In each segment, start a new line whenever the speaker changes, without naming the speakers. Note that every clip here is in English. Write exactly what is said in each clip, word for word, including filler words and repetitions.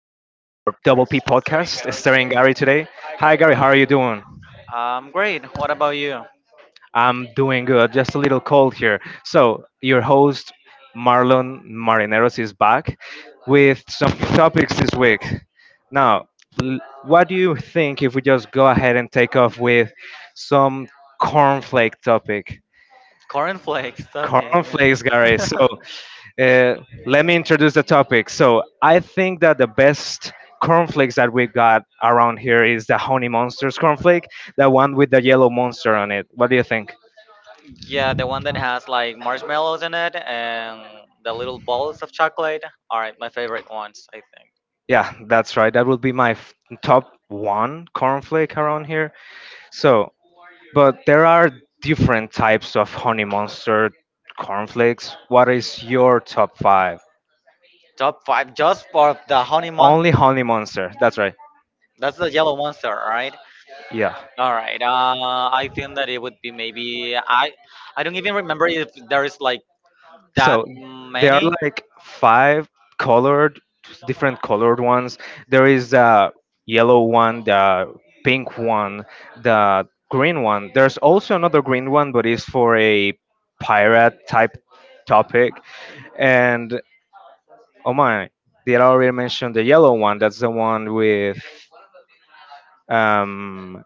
Double P podcast, starring Gary today. Hi, Gary. How are you doing?
Um, great. What about you?
I'm doing good. Just a little cold here. So, your host, Marlon Marineros, is back with some topics this week. Now, l- what do you think if we just go ahead and take off with some cornflake topic?
Cornflakes stuffing.
Cornflakes, Gary. So, Uh, Let me introduce the topic. So I think that the best cornflakes that we got around here is the Honey Monsters cornflake, the one with the yellow monster on it. What do you think?
Yeah, the one that has like marshmallows in it and the little balls of chocolate are my favorite ones, I think.
Yeah, that's right. That would be my f- top one cornflake around here. So, but there are different types of Honey Monster cornflakes. What is your top five?
Top five just for the honey monster.
Only Honey Monster. That's right.
That's the yellow monster, right?
Yeah.
All right. Uh, I think that it would be maybe I. I don't even remember if there is like that
So there are
many.
like five colored, different colored ones. There is a yellow one, the pink one, the green one. There's also another green one, but it's for a pirate type topic. And oh my, did I already mention the yellow one? That's the one with um,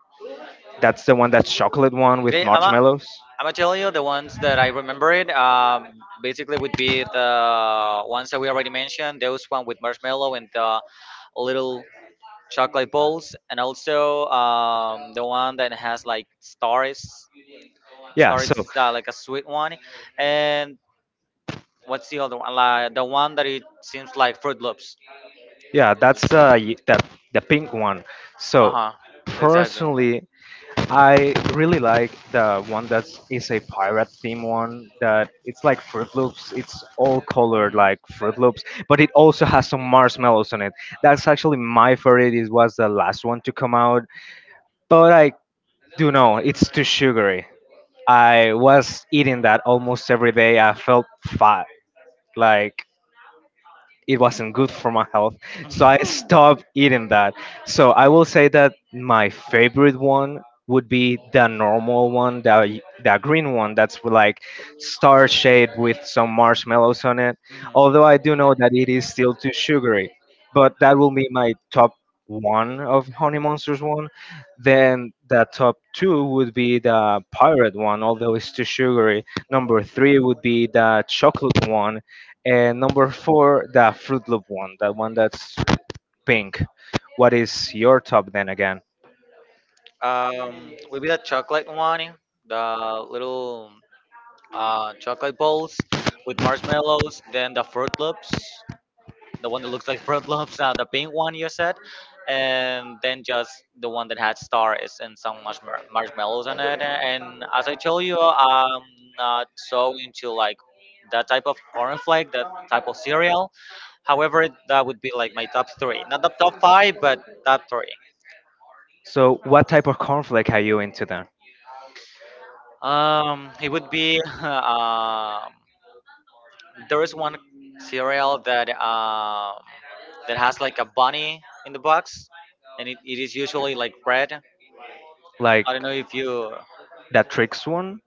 that's the one that's chocolate one with
Ve- I'm a,
marshmallows.
I'm gonna tell you the ones that I remember it. Um, basically, would be the ones that we already mentioned. Those one with marshmallow and the little chocolate balls, and also um, the one that has like stars.
Yeah,
Stars
so
is uh, like a sweet one, and what's the other one? Like the one that it seems like Fruit Loops.
yeah, that's uh, y- the the pink one.
Uh
So
huh. Exactly.
personally, I really like the one that is a pirate theme one that it's like Fruit Loops. It's all colored like Fruit Loops, but it also has some marshmallows on it. That's actually my favorite. It was the last one to come out, but I do know it's too sugary. I was eating that almost every day. I felt fat. Like, it wasn't good for my health, so I stopped eating that. So I will say that my favorite one would be the normal one, the, the green one that's with, like, star shaped with some marshmallows on it, although I do know that it is still too sugary. But that will be my top one of Honey Monsters one. Then the top two would be the pirate one, although it's too sugary. Number three would be the chocolate one, and number four, the Fruit Loop one, that one that's pink. What is your top then again?
Um, would be the chocolate one, the little uh, chocolate balls with marshmallows, then the Fruit Loops. The one that looks like bread lumps, uh, the pink one you said, and then just the one that had stars and some marshma- marshmallows on it. And as I told you, I'm not so into like that type of cornflake, that type of cereal. However, that would be like my top three, not the top five, but top three.
So, what type of cornflake are you into then?
Um, it would be um, there is one cereal that um that has like a bunny in the box, and it, it is usually like red.
Like
I don't know if you
that Tricks one?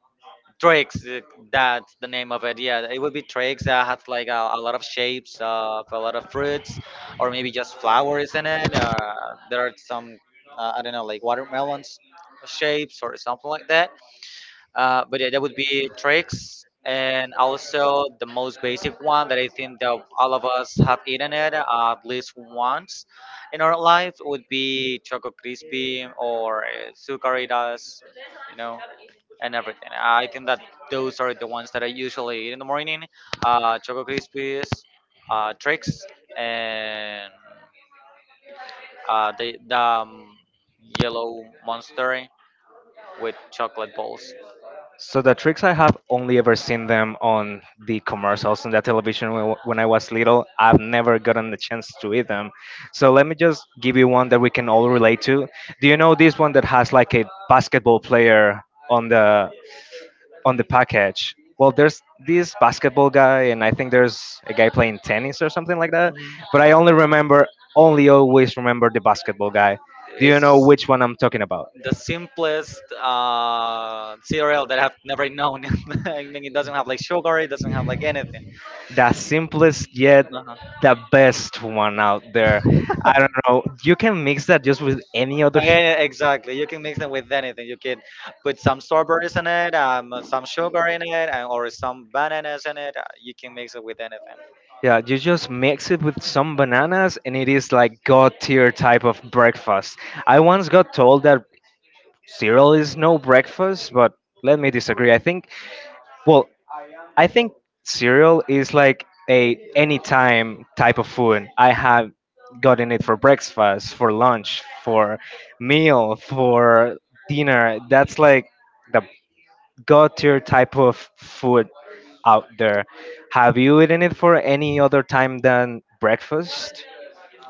tricks uh, that's the name of it. Yeah, it would be tricks that has like a, a lot of shapes of a lot of fruits, or maybe just flowers in it. Or there are some uh, I don't know like watermelons shapes or something like that. Uh, but yeah, that would be tricks. And also the most basic one that I think that all of us have eaten it uh, at least once in our life would be Choco Crispy or uh, Sucaritas, you know and everything. I think that those are the ones that I usually eat in the morning. Uh, Choco Crispies, uh, Trix, and uh, the, the um, yellow monster with chocolate balls.
So the Tricks I have only ever seen them on the commercials and the television when when I was little. I've never gotten the chance to eat them. So let me just give you one that we can all relate to. Do you know this one that has like a basketball player on the on the package? Well, there's this basketball guy, and I think there's a guy playing tennis or something like that.
Mhm.
But I only remember, only always remember the basketball guy. Do you
It's
know
just
which one I'm talking about?
the simplest uh, cereal that I've never known. I mean, it doesn't have like sugar, it doesn't have like anything.
The simplest yet the best one out there. I
Uh-huh.
don't know. You can mix that just with any other. Sh-
Yeah, exactly. You can mix them with anything. You can put some strawberries in it, um, some sugar in it, and, or some bananas in it. Uh, You can mix it with anything.
yeah, you just mix it with some bananas, and it is like god tier type of breakfast. I once got told that cereal is no breakfast, but let me disagree. I think, well, I think cereal is like a anytime type of food. I have gotten it for breakfast, for lunch, for meal, for dinner. That's like the go-to type of food out there. Have you eaten it for any other time than breakfast?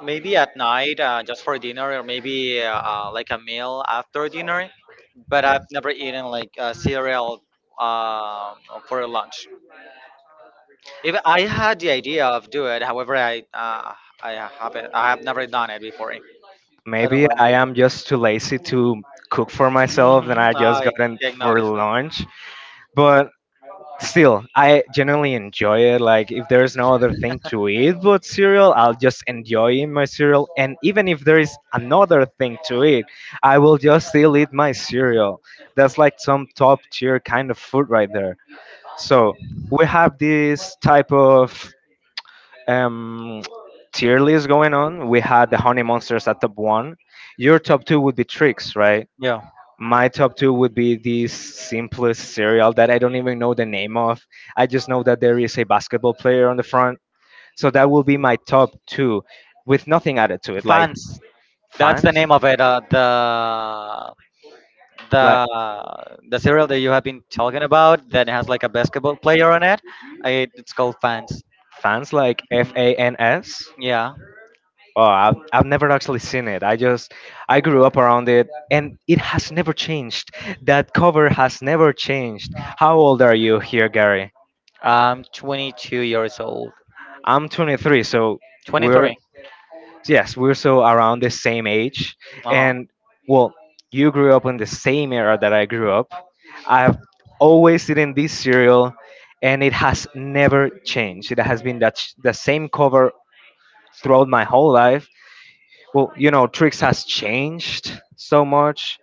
Maybe at night, uh, just for dinner, or maybe uh, uh, like a meal after dinner. But I've never eaten like uh, cereal uh, for lunch. If I had the idea of do it, however, I uh, I haven't. I have never done it before. I don't
Maybe
like
I
doing
am
it.
just too lazy to cook for myself and I
Hmm.
just
I
gotten
take
for
notice that.
lunch. But still, I generally enjoy it. Like, if there's no other thing to eat but cereal, I'll just enjoy eating my cereal. And even if there is another thing to eat, I will just still eat my cereal. That's like some top tier kind of food right there. So, we have this type of um, tier list going on. We had the Honey Monsters at top one. Your top two would be Tricks, right?
Yeah,
My top two would be the simplest cereal that I don't even know the name of. I just know that there is a basketball player on the front. So that will be my top two with nothing added to it. Like
fans. That's the
Fans?
name of it. Uh, the
Like
the the cereal that you have been talking about that has like a basketball player on it. It, it's called Fans.
Fans like F
Mhm.
A N S?
Yeah,
Oh, I've, I've never actually seen it. I just, I grew up around it and it has never changed. That cover has never changed. How old are you here, Gary?
I'm twenty-two years old.
I'm twenty-three, so we're
twenty-three.
yes, we're so around the same age.
Uh.
And well, you grew up in the same era that I grew up. I've always eaten this cereal, and it has never changed. It has been that sh- the same cover throughout my whole life. Well, you know, Trix has changed so much.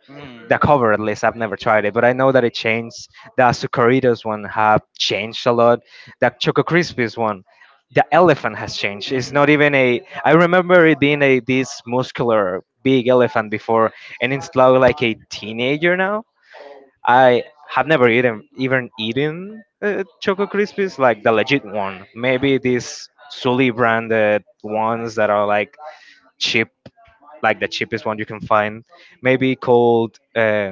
The cover, at least, I've never tried it, but I know that it changed. The Sucaritas one have changed a lot. The Choco Crispies one, the elephant has changed. It's not even a. I remember it being a this muscular big elephant before, and it's now like a teenager now. I have never eaten even eaten uh, Choco Crispies, like the legit one.
Mm. Mhm.
Maybe these Sully branded ones that are like cheap, like the cheapest one you can find, maybe called uh,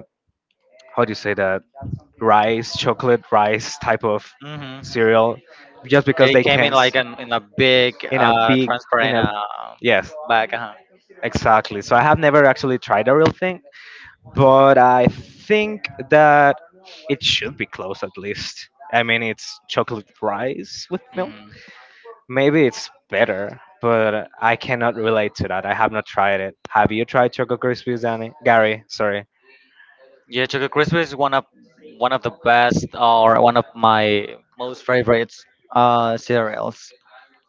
how do you say that, rice, chocolate rice type of
Hmm.
cereal, just because
It
they
came
can
in
s-
like an, in a big
in a
uh,
big, in
transparent
a,
uh,
yes,
bag. Uh-huh.
exactly. So I have never actually tried a real thing, but I think that it should be close at least. I mean, it's chocolate rice with milk.
Mhm.
Maybe it's better, but I cannot relate to that. I have not tried it. Have you tried Choco Krispies, Danny? Gary, sorry.
Yeah, Choco Crispy is one of one of the best or one of my most favorites uh, cereals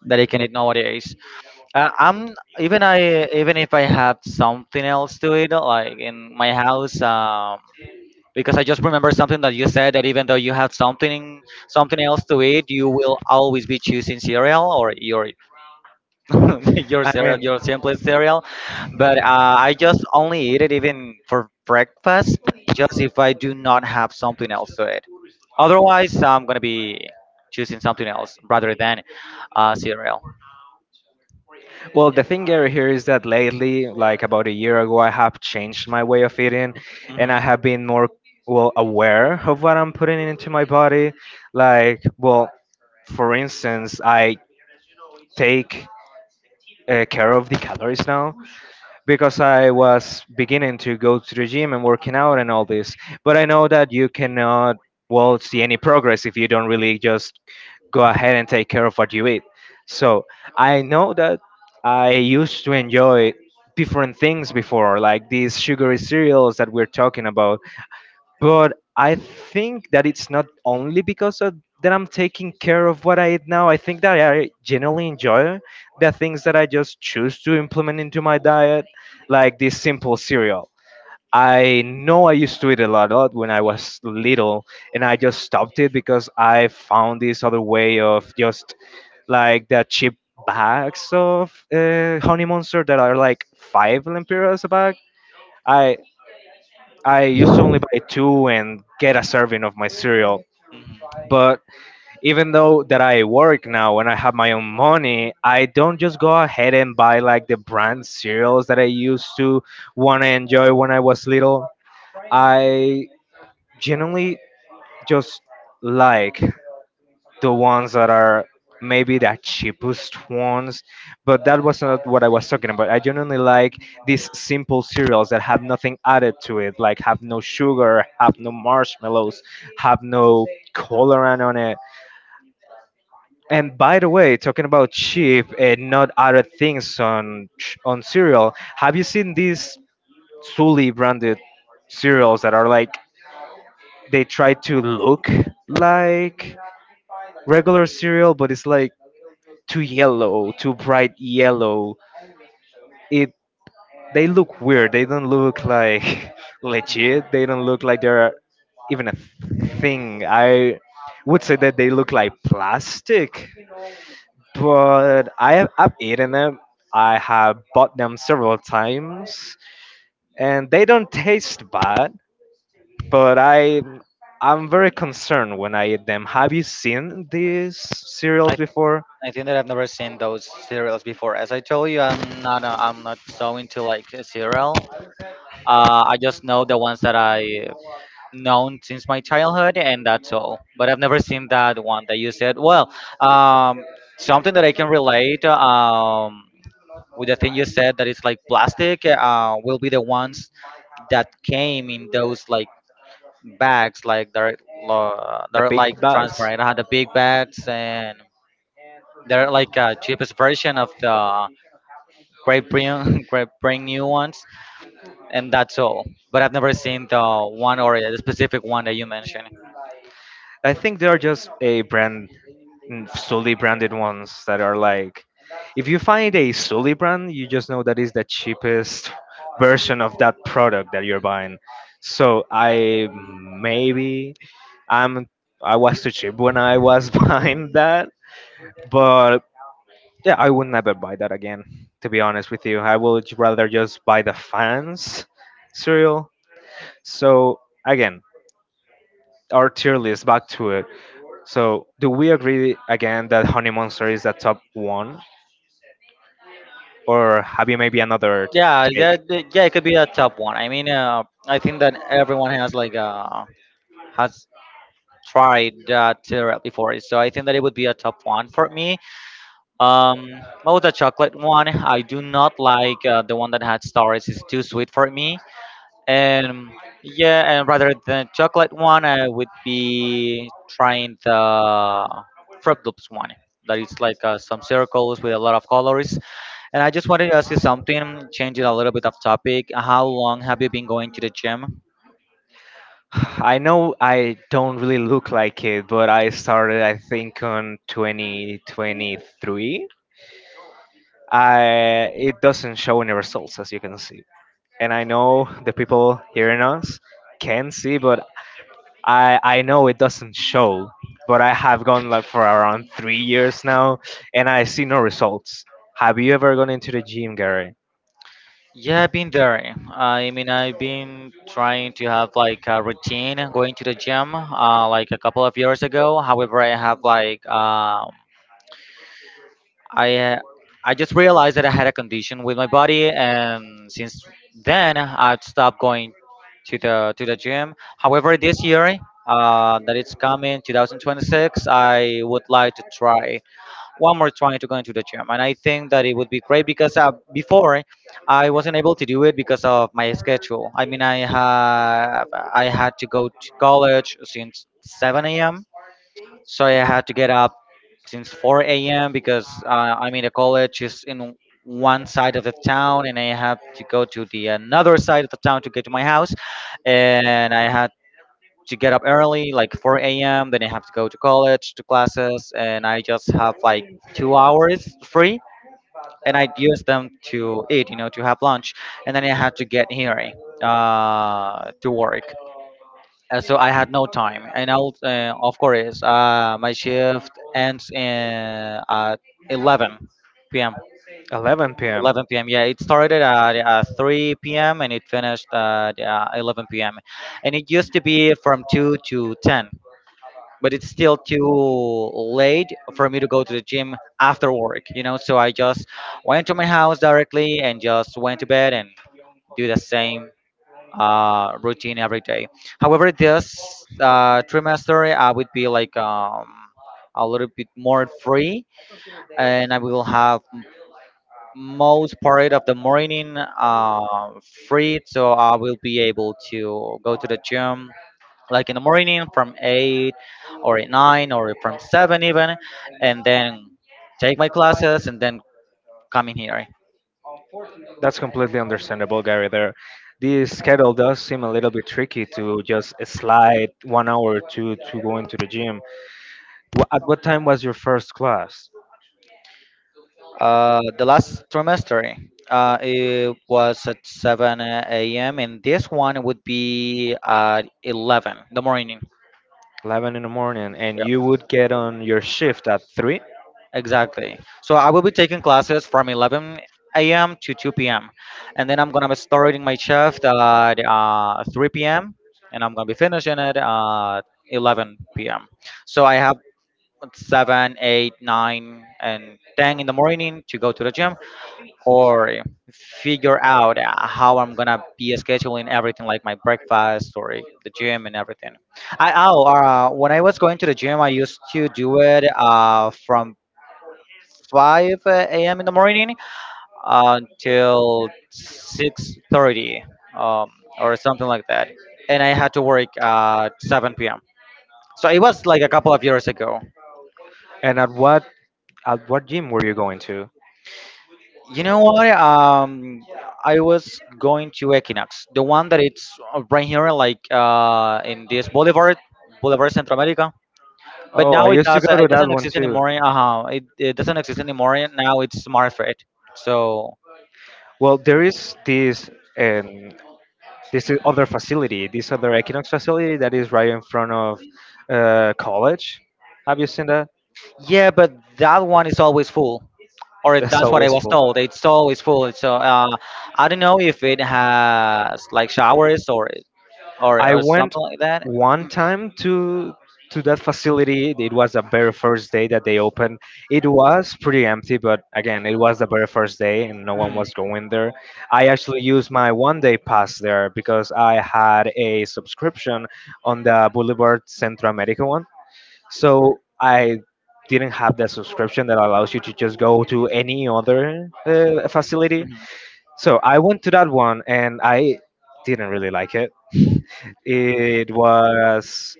that you can eat nowadays. Uh, I'm even I even if I have something else to eat like in my house. Um, because I just remember something that you said that even though you have something something else to eat, you will always be choosing cereal or your your cereal, your simplest cereal. But uh, I just only eat it even for breakfast, just if I do not have something else to eat. Otherwise, I'm gonna be choosing something else rather than uh, cereal.
Well, the thing over here is that lately, like about a year ago, I have changed my way of eating, and I
Mhm.
have been more, well, aware of what I'm putting into my body. Like, well, for instance, I take uh, care of the calories now because I was beginning to go to the gym and working out and all this. But I know that you cannot, well, see any progress if you don't really just go ahead and take care of what you eat. So I know that I used to enjoy different things before, like these sugary cereals that we're talking about. But I think that it's not only because of that I'm taking care of what I eat now. I think that I generally enjoy the things that I just choose to implement into my diet, like this simple cereal. I know I used to eat a lot, lot when I was little, and I just stopped it because I found this other way of just, like, the cheap bags of uh, Honey Monster that are like five lempiras a bag. I I used to only buy two and get a serving of my cereal. But even though that I work now and I have my own money, I don't just go ahead and buy like the brand cereals that I used to want to enjoy when I was little. I genuinely just like the ones that are maybe the cheapest ones, but that was not what I was talking about. I genuinely like these simple cereals that have nothing added to it, like have no sugar, have no marshmallows, have no colorant on it. And by the way, talking about cheap and not added things on ch- on cereal, have you seen these Sully branded cereals that are like, they try to look like regular cereal, but it's like. too yellow, too bright yellow. It They look weird. They don't look like legit. They don't look like they're even a thing. I would say that they look like plastic, but I have I've eaten them. I have bought them several times, and they don't taste bad. But I I'm very concerned when I eat them. Have you seen these cereals
Mhm.
before?
I think that I've never seen those cereals before. As I told you, I'm not a, I'm not so into like a cereal. Uh, I just know the ones that I known since my childhood, and that's all. But I've never seen that one that you said. Well, um, something that I can relate um, with the thing you said that it's like plastic uh, will be the ones that came in those like bags, like they're uh,
The
they're
big
like
bags.
transparent. I had the big bags and they're like a cheapest version of the great bring great bring new ones, and that's all. But I've never seen the one or the specific one that you mentioned.
I think there are just a brand, mm, solely branded ones that are like, if you find a solely brand, you just know that is the cheapest version of that product that you're buying. So I maybe I'm I was too cheap when I was buying that, but yeah, I would never buy that again. To be honest with you, I would rather just buy the Fans cereal. So again, our tier list back to it. So, do we agree again that Honey Monster is the top one, or have you maybe another
Yeah,
take?
that, that- yeah, it could be a top one. I mean, uh, I think that everyone has like uh has tried that syrup before, so I think that it would be a top one for me. Um, what was the chocolate one? I do not like uh, the one that had stars. It's too sweet for me. And yeah, and rather than chocolate one, I would be trying the fruit loops one that is like uh, some circles with a lot of colors. And I just wanted to ask you something, changing a little bit of topic, how long have you been going to the gym?
I know I don't really look like it, but I started, I think, on twenty twenty-three. I It doesn't show any results, as you can see, and I know the people hearing us can see, but I I know it doesn't show. But I have gone like for around three years now, and I see no results. Have you ever gone into the gym, Gary?
Yeah, I've been there. I mean, I've been trying to have like a routine going to the gym uh, like a couple of years ago. However, I have like um, I uh, I just realized that I had a condition with my body, and since then I've stopped going to the to the gym. However, this year uh, that it's coming two thousand twenty-six, I would like to try one more try to go into the gym, and I think that it would be great because uh, before I wasn't able to do it because of my schedule. I mean, I have I had to go to college since seven a.m., so I had to get up since four a m because uh, I'm in a college is in one side of the town, and I have to go to the another side of the town to get to my house. And I had to get up early, like four a m. Then I have to go to college to classes, and I just have like two hours free, and I'd use them to eat, you know, to have lunch, and then I had to get here uh, to work. Uh, so I had no time, and I'll, uh, of course, uh, my shift ends in, at eleven p m
eleven p m.
eleven p m. Yeah, it started at uh, three p m and it finished at uh, eleven p m. And it used to be from two to ten, but it's still too late for me to go to the gym after work, you know. So I just went to my house directly and just went to bed and do the same uh, routine every day. However, this uh, trimester I would be like um, a little bit more free, and I will have most part of the morning uh, free, so I will be able to go to the gym like in the morning from eight or at nine or from seven even, and then take my classes and then coming here.
That's completely understandable, Gary. There, this schedule does seem a little bit tricky to just slide one hour to to go into the gym. Wha at what time was your first class?
Uh, the last trimester, uh, it was at seven a m and this one would be at eleven in the morning.
eleven in the morning, and
Yeah,
you would get on your shift at three?
exactly. So I will be taking classes from eleven a m to two p m. And then I'm gonna be starting my shift at uh, three p m and I'm gonna be finishing it at eleven p m. So I have seven, eight, nine, and ten in the morning to go to the gym or figure out uh, how I'm gonna be scheduling everything, like my breakfast or the gym and everything. I oh, uh, when I was going to the gym, I used to do it uh, from five a m in the morning until six thirty um, or something like that, and I had to work at seven p m. So it was like a couple of years ago.
And at what at what gym were you going to?
You know what? Um, I was going to Equinox, the one that it's uh, right here, like uh, in this Boulevard, Boulevard Central America. But
Oh, I
now it
used to
does.
go to
It
that
doesn't
one
exist
too.
anymore. Uh huh. It, it doesn't exist anymore. And now it's Smart Freight. So
Well, there is this um, this is other facility, this other Equinox facility that is right in front of uh, college. Have you seen that?
yeah, but that one is always full, or it-
That's
that's what I
always
was
full.
told. It's always full. So uh, I don't know if it has like showers or or
I
or
went
something like that.
one time to to that facility. It was the very first day that they opened. It was pretty empty, but again, it was the very first day and no one
Mm.
was going there. I actually used my one day pass there because I had a subscription on the Boulevard Centro America one. So I didn't have that subscription that allows you to just go to any other uh, facility,
Mhm.
so I went to that one and I didn't really like it. It was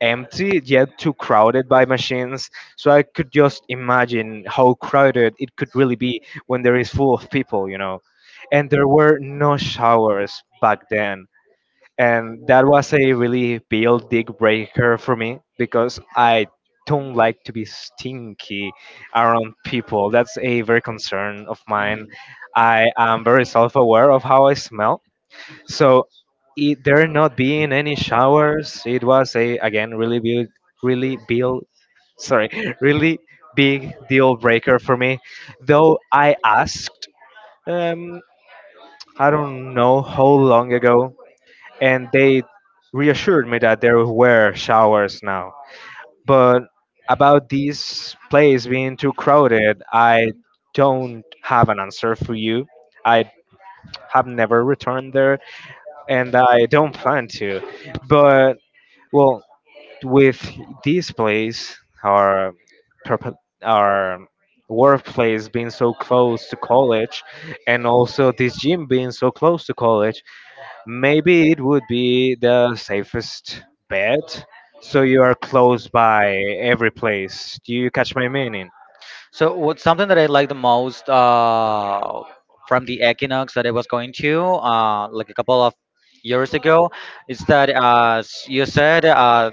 empty yet too crowded by machines. So I could just imagine how crowded it could really be when there is full of people, you know. And there were no showers back then, and that was a really big deal breaker for me because I don't like to be stinky around people. That's a very concern of mine.
Mhm.
I am very self-aware of how I smell, so it, there not being any showers, it was a again really big, really big, sorry, really big deal breaker for me. Though I asked, um, I don't know how long ago, and they reassured me that there were showers now. But about this place being too crowded, I don't have an answer for you. I have never returned there, and I don't plan to. But well, with this place, our purpo- our workplace being so close to college, and also this gym being so close to college, maybe it would be the safest bet, so you are close by every place. Do you catch my meaning?
So what something that I like the most uh, from the Equinox that I was going to uh, like a couple of years ago is that uh, as you said, uh,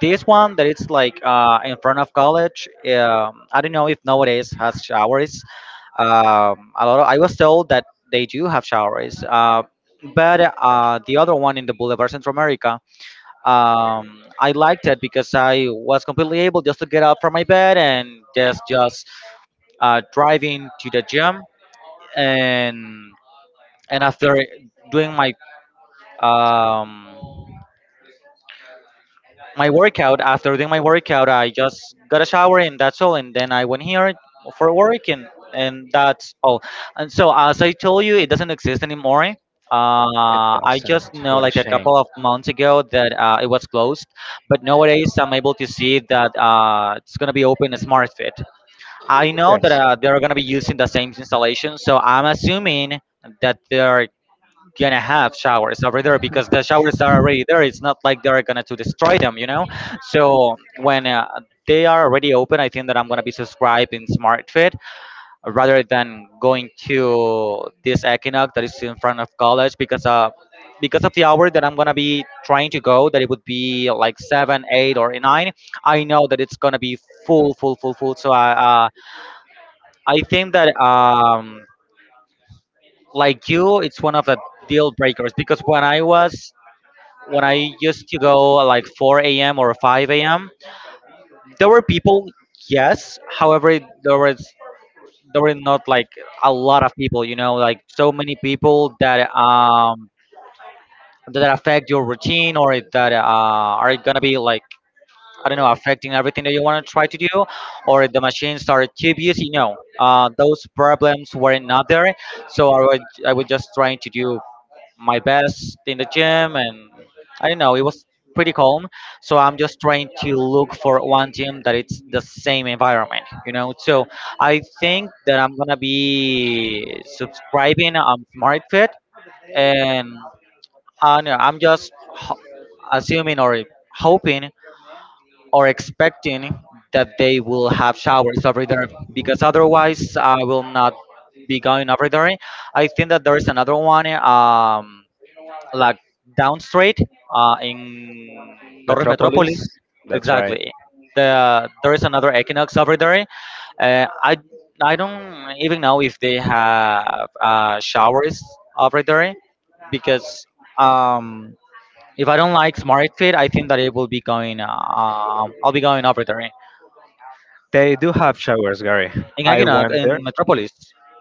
this one that it's like uh, in front of college. um, I don't know if nowadays has showers. um, a lot of, I was told that they do have showers, uh, but uh, the other one in the Boulevard Central, um, I liked it because I was completely able just to get up from my bed and just just uh, driving to the gym. And and after doing my um, my workout after doing my workout I just got a shower and that's all, and then I went here for work. And and that's all. And so as I told you, it doesn't exist anymore. uh, I
Doesn't
just know
What a
like a
shame.
couple of months ago that uh, it was closed. But nowadays I'm able to see that uh, it's going to be open in Smart Fit. I know that
Yes.
uh, they're going to be using the same installation, so I'm assuming that they're gonna have showers over there because the showers are already there. It's not like they're gonna to destroy them, you know. So when uh, they are already open, I think that I'm gonna be subscribed in SmartFit rather than going to this Equinox that is in front of college because uh because of the hour that I'm gonna be trying to go, that it would be like seven, eight, or nine. I know that it's gonna be full, full, full, full. So I uh, I think that um like you, it's one of the deal breakers because when I was when I used to go at like four a m or five a m, there were people, yes. However, there was there were not like a lot of people, you know, like so many people that um that affect your routine or that uh, are gonna be like, I don't know, affecting everything that you want to try to do, or the machines are too busy. No, uh, those problems were not there. So I would I was just trying to do my best in the gym, and I don't know, it was pretty calm. So I'm just trying to look for one gym that it's the same environment, you know. So I think that I'm gonna be subscribing on SmartFit. And I don't know, I'm just ho- assuming or hoping or expecting that they will have showers over there, because otherwise I will not be going over there. I think that there is another one, um like down street, uh, in Torres
Metropolis,
Metropolis.
that's right.
Exactly. The, there is another Equinox over there. Uh, I I don't even know if they have uh, showers over there, because um, if I don't like Smart Fit, I think that it will be going. Uh, um, I'll be going over there in
They do have showers, Gary. I
Equinox
went there.
in Metropolis.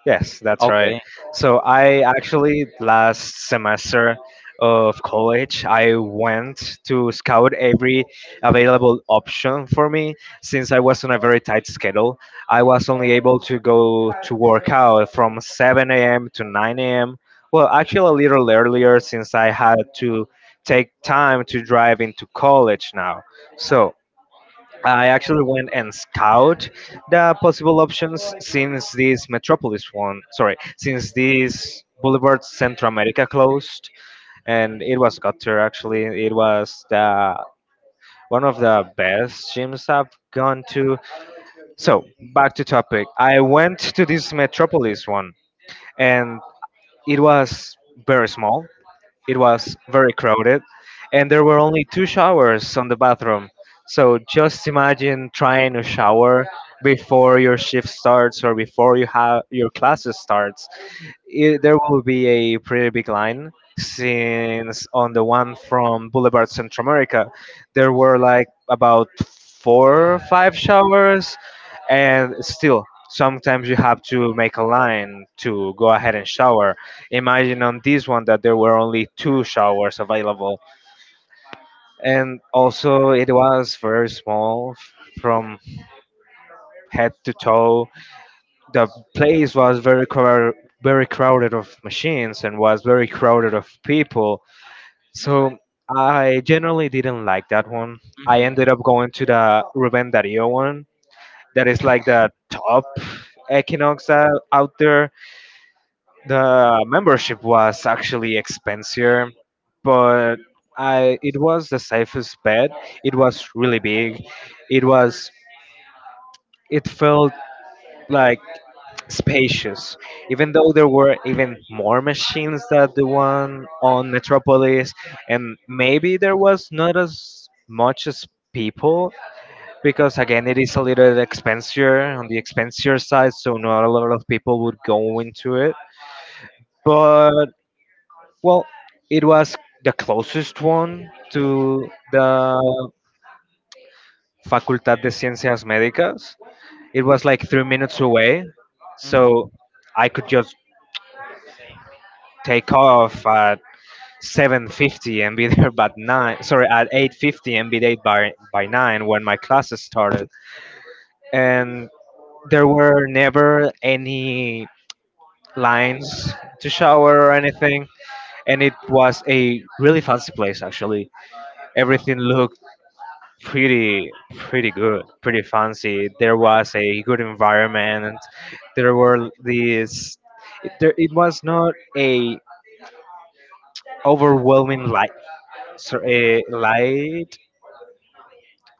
Yes, that's right.
Okay.
So I actually last semester of college, I went to scout every available option for me since I was on a very tight schedule. I was only able to go to work out from seven a m to nine a m. Well, actually a little earlier since I had to take time to drive into college now. So I actually went and scout the possible options since this Metropolis one, sorry, since this Boulevard Central America closed, and it was gutter actually. It was the one of the best gyms I've gone to. So back to topic. I went to this Metropolis one, and it was very small. It was very crowded, and there were only two showers on the bathroom. So just imagine trying to shower before your shift starts or before you have your classes starts. It, there will be a pretty big line since on the one from Boulevard Central America, there were like about four or five showers, and still sometimes you have to make a line to go ahead and shower. Imagine on this one that there were only two showers available, and also it was very small f- from head to toe. The place was very crowded, very crowded of machines and was very crowded of people. So I generally didn't like that one. I ended up going to the Rubén Darío one. That is
Mhm.
like the top Equinox out out there. The membership was actually expensive, but I it was the safest bet. It was really big. It was it felt like spacious. Even though there were even more machines than the one on Metropolis, and maybe there was not as much as people, because again it is a little expensive on the expensive side, so not a lot of people would go into it. But well, it was the closest one to the Facultad de Ciencias Médicas. It was like three minutes away, so I could just take off at seven fifty and be there by nine. Sorry, at eight fifty and be there by by nine when my classes started. And there were never any lines to shower or anything. And it was a really fancy place actually. Everything looked pretty pretty good, pretty fancy. There was a good environment. There were these. It, there, it was not a overwhelming light. So a light.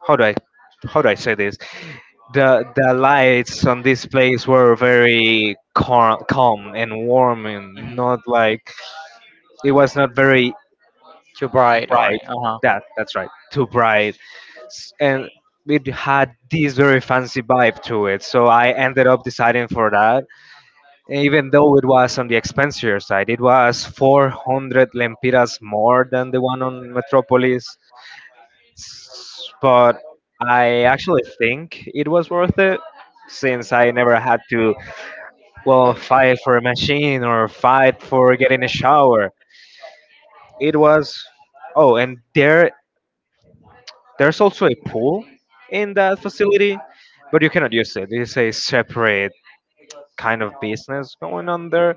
How do I how do I say this? The the lights on this place were very calm, calm and warm, and
Mhm.
not like it was not very
Too bright, or
Bright.
uh huh.
That that's right. Too bright, S- and it had this very fancy vibe to it. So I ended up deciding for that, even though it was on the expensier side. It was four hundred lempiras more than the one on Metropolis, S- but I actually think it was worth it since I never had to, well, fight for a machine or fight for getting a shower. It was, oh, and there There's also a pool in that facility, but you cannot use it. It's a separate kind of business going on there.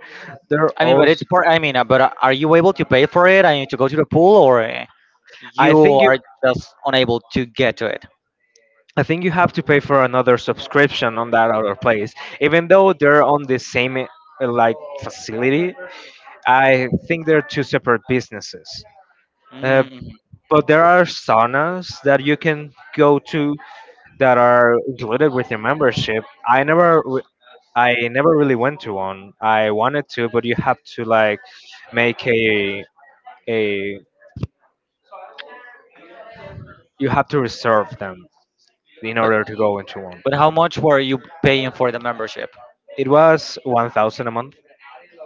There
I mean, but it's
also,
part. I mean, uh, but uh, are you able to pay for it? I need to go to the pool, or uh,
I
you
think you,
are just unable to get to it?
I think you have to pay for another subscription on that other place, even though they're on the same uh, like facility. I think they're two separate businesses. Uh,
Mm,
but there are saunas that you can go to that are included with your membership. I never I never really went to one. I wanted to, but you have to, like, make a a you have to reserve them in
but
order to go into one.
but how much were you paying for the membership?
It was one thousand a month,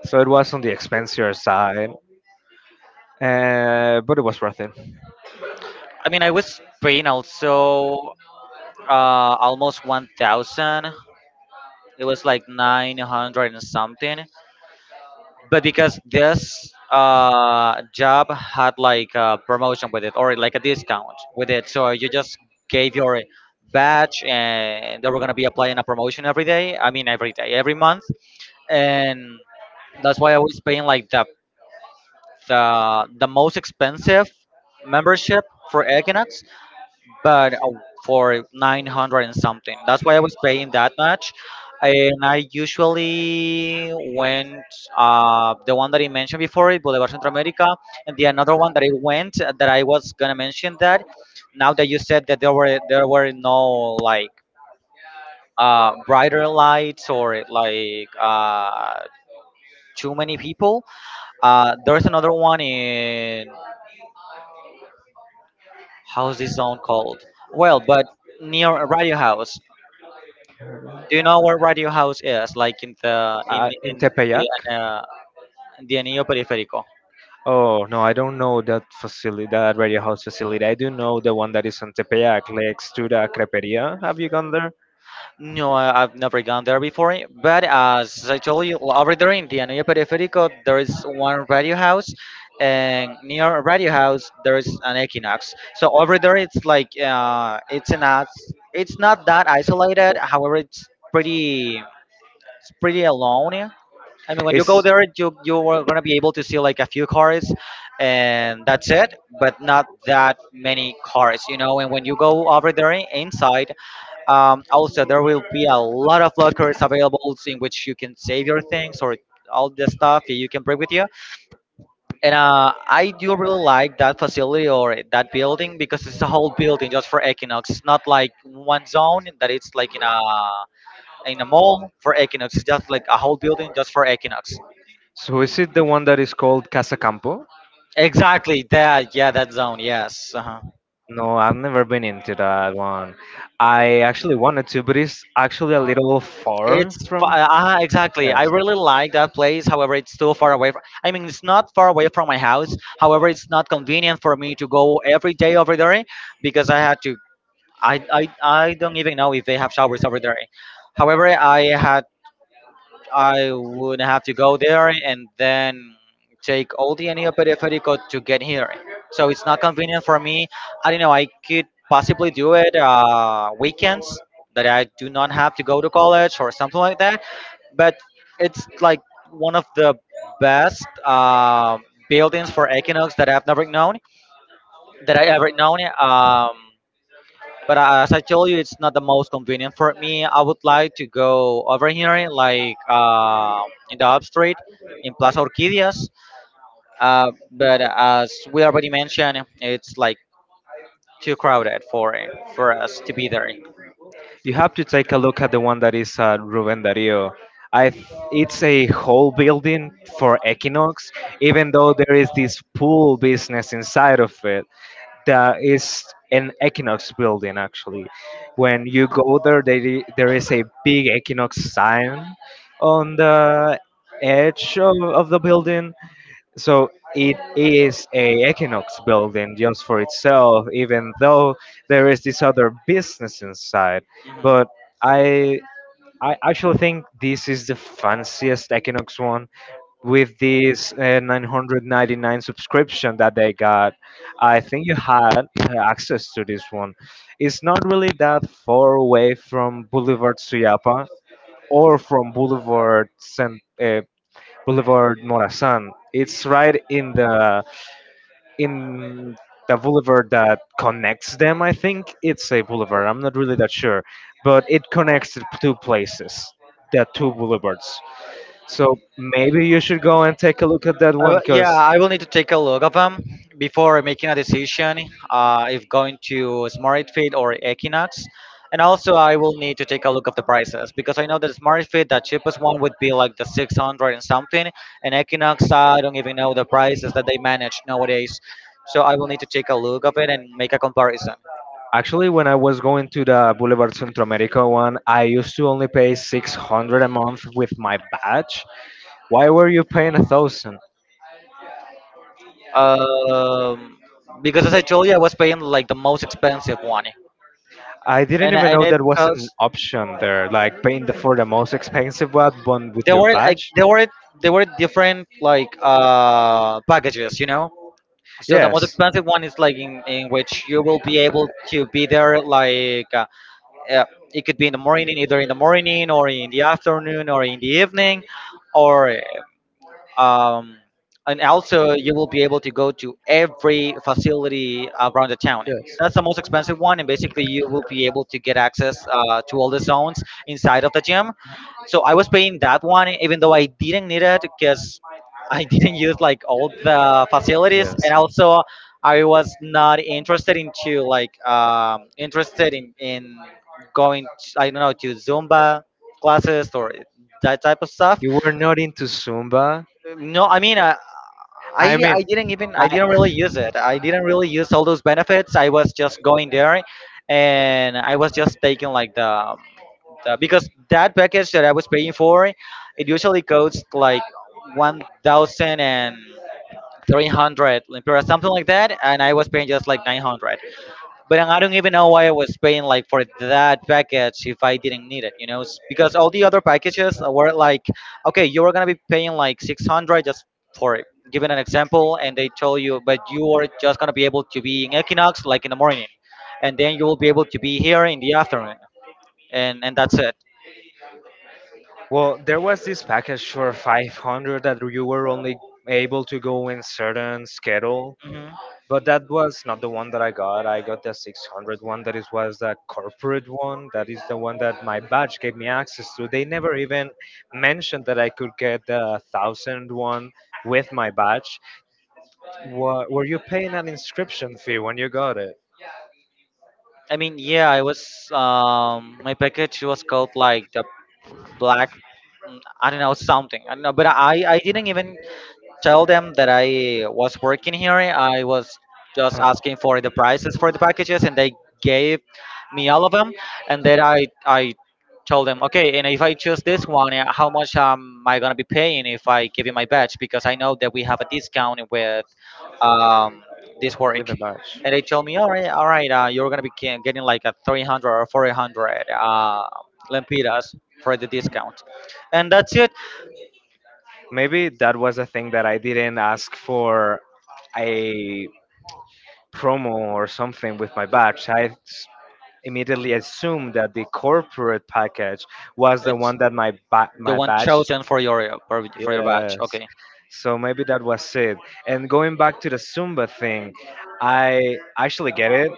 so it was on the expensier side, uh, but it was worth it.
I mean, I was paying also uh, almost one thousand. It was like nine hundred and something. But because this uh, job had like a promotion with it or like a discount with it, so you just gave your badge and they were gonna be applying a promotion every day. I mean, every day, every month. And that's why I was paying like the the, the most expensive membership for Equinox, but uh, for nine hundred and something. That's why I was paying that much. And I usually went uh, the one that I mentioned before, it Boulevard Centro America, and the another one that I went, uh, that I was gonna mention that. Now that you said that there were there were no like uh, brighter lights or like uh, too many people, Uh, there's another one in, how's this zone called? Well, but near a Radio House. Do you know where Radio House is? Like in the in
Uh, in
in
Tepeyac.
the uh, the Anillo Periférico.
Oh no, I don't know that facility, that radio house facility. I do know the one that is on Tepeyac, like Studa Creperia. Have you gone there?
No, I, I've never gone there before. But as I told you, over there in the Anillo Periférico, there is one Radio House, and near Radio House there is an Equinox. So over there, it's like uh, it's not it's not that isolated. However, it's pretty it's pretty alone. I mean, when you go
Is
there, you you are gonna be able to see like a few cars, and that's it. But not that many cars, you know. And when you go over there in- inside, um, also there will be a lot of lockers available in which you can save your things or all the stuff that you can bring with you. And uh, I do really like that facility or that building, because it's a whole building just for Equinox. It's not like one zone that it's like in a in a mall for Equinox. It's just like a whole building just for Equinox.
so is it the one that is called Casa Campo?
Exactly that. Yeah, that zone. Yes. Uh-huh.
No, I've never been into that one. I actually wanted to, but it's actually a little far
It's fa-
from.
uh, exactly. I
Yes.
really like that place. However, it's too far away. From, I mean, it's not far away from my house. However, it's not convenient for me to go every day over there because I had to. I I, I don't even know if they have showers over there. However, I had I would have to go there and then take all the Anía Periférico to get here. So it's not convenient for me. I don't know. I could possibly do it uh, weekends that I do not have to go to college or something like that. But it's like one of the best uh, buildings for Equinox that I've never known that I ever known. Um, but uh, as I told you, it's not the most convenient for me. I would like to go over here, like uh, in the up street in Plaza Orquídeas. Uh, but uh, as we already mentioned, it's like too crowded for for us to be there.
You have to take a look at the one that is at Rubén Darío. I, th- it's a whole building for Equinox, even though there is this pool business inside of it. That is an Equinox building actually. When you go there, there i- there is a big Equinox sign on the edge of, of the building. So it is a Equinox building just for itself, even though there is this other business inside. But I I actually think this is the fanciest Equinox one with this uh, nine hundred ninety-nine subscription that they got. I think you had uh, access to this one. It's not really that far away from Boulevard Suyapa or from boulevard San, uh, Boulevard Morazan. It's right in the in the boulevard that connects them. I think it's a boulevard, I'm not really that sure, but it connects the two places, the two boulevards. So maybe you should go and take a look at that
I
one
will- yeah,
because
I will need to take a look of them before making a decision, uh, if going to Smart Fit or Equinox. And also, I will need to take a look of the prices, because I know that Smart Fit, the cheapest one would be like the six hundred and something, and Equinox, I don't even know the prices that they manage nowadays. So I will need to take a look of it and make a comparison.
actually, when I was going to the Boulevard Centroamerica one, I used to only pay six hundred a month with my badge. Why were you paying a thousand?
Um, because as I told you, I was paying like the most expensive one,
I didn't
and
even
and
know
it
that was an
costs.
option there, like paying the, for the most expensive one, one with
There
your
were like
badge.
there were there were different like uh packages, you know. So the most
Yes.
expensive one is like in, in which you will be able to be there like uh, uh, it could be in the morning, either in the morning or in the afternoon or in the evening, or um, and also you will be able to go to every facility around the town.
Yes.
That's the most expensive one, and basically you will be able to get access uh, to all the zones inside of the gym. So I was paying that one even though I didn't need it, because I didn't use like all the facilities,
Yes.
and also I was not interested into like um, interested in, in going t- I don't know, to Zumba classes or that type of stuff.
You were not into Zumba?
No, I mean, uh,
I
I
mean,
I didn't even,
I
I didn't really use it. I didn't really use all those benefits. I was just going there, and I was just taking like the, the, because that package that I was paying for, it usually costs like one thousand and three hundred lempiras, something like that, and I was paying just like nine hundred. But I don't even know why I was paying like for that package if I didn't need it, you know, S- because all the other packages were like, okay, you were gonna be paying like six hundred just for it. Given an example, and they told you, but you are just gonna be able to be in Equinox like in the morning, and then you will be able to be here in the afternoon, and and that's it.
well, there was this package for five hundred that you were only able to go in certain schedule.
Hmm.
But that was not the one that I got. I got the six hundred one. That is was the corporate one. That is the one that my badge gave me access to. They never even mentioned that I could get the thousand one with my badge. What, were you paying an inscription fee when you got it?
I mean, yeah, I was, um my package was called like the black. Mm, I don't know something. I don't know, but I I didn't even tell them that I was working here. I was just asking for the prices for the packages, and they gave me all of them. And then I I told them, okay, and if I choose this one, uh, how
Oh,
much um, am I gonna be paying if I give you my badge? Because I know that we have a discount with um, this
with
work.
a badge.
And they told me, all right, all right, uh, you're gonna be ge- getting like a three hundred or four hundred uh, lempiras for the discount, and that's
Maybe that was a thing that I didn't ask for a promo or something with my badge. I s- immediately assumed that the corporate package was the
it.
one that my ba-
The
my
one
badge.
chosen for your uh, for, for your batch.
Yes.
Okay.
So maybe that was it. And going back to the Zumba thing, I actually get it.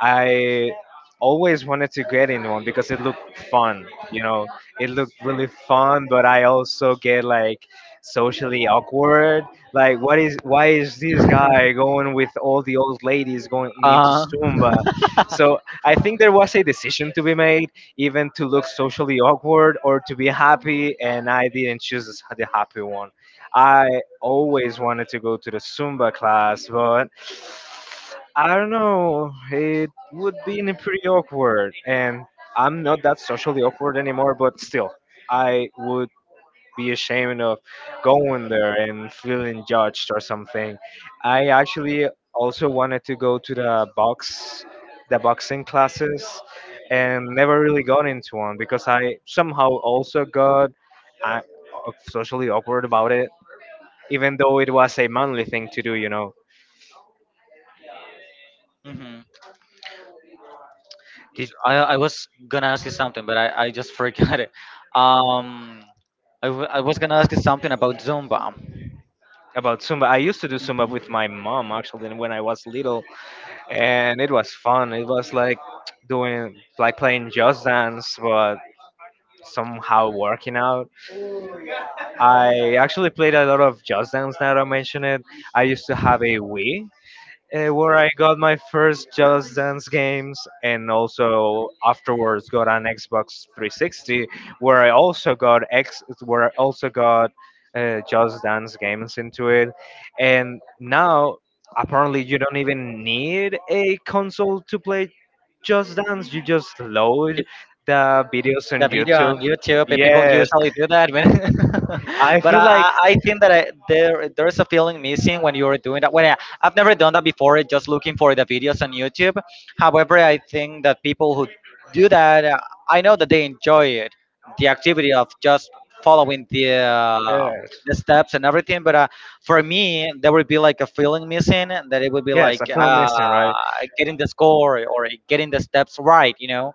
I always wanted to get in one because it looked fun. You know, it looked really fun, but I also get like socially awkward. Like, what is why is this guy going with all the old ladies going into
Uh,
Stumba? So I think there was a decision to be made, even to look socially awkward or to be happy, and I didn't choose the happy one. I always wanted to go to the Zumba class, but I don't know, it would be pretty awkward. And I'm not that socially awkward anymore, but still, I would be ashamed of going there and feeling judged or something. I actually also wanted to go to the box, the boxing classes, and never really got into one because I somehow also got uh, socially awkward about it, even though it was a manly thing to do, you know.
mhm.
Did
I I was gonna ask you something, but I, I just forgot it. Um, I, w- I was gonna ask you something about Zumba.
about Zumba. I used to do Zumba
Mhm.
with my mom actually when I was little, and it was fun. It was like doing like playing Just Dance, but somehow working out. I actually played a lot of Just Dance. Now that I mention it, I used to have a Wii, uh, where I got my first Just Dance games, and also afterwards got an Xbox three sixty, where I also got X, where I also got uh, Just Dance games into it, and now apparently you don't even need a console to play Just Dance. You just load the videos
The
on
video on
YouTube.
YouTube, and people
Yes,
usually do that. When,
I
but
feel
I,
like
I I think that I, there there's a feeling missing when you're doing that. When I, I've never done that before, just looking for the videos on YouTube. However, I think that people who do that, uh, I know that they enjoy it, the activity of just following the uh,
yes,
the steps and everything. But uh, for me, there would be like a feeling missing, that it would be
yes, I
like
feel
uh,
missing, right?
getting the score or getting the steps right, you know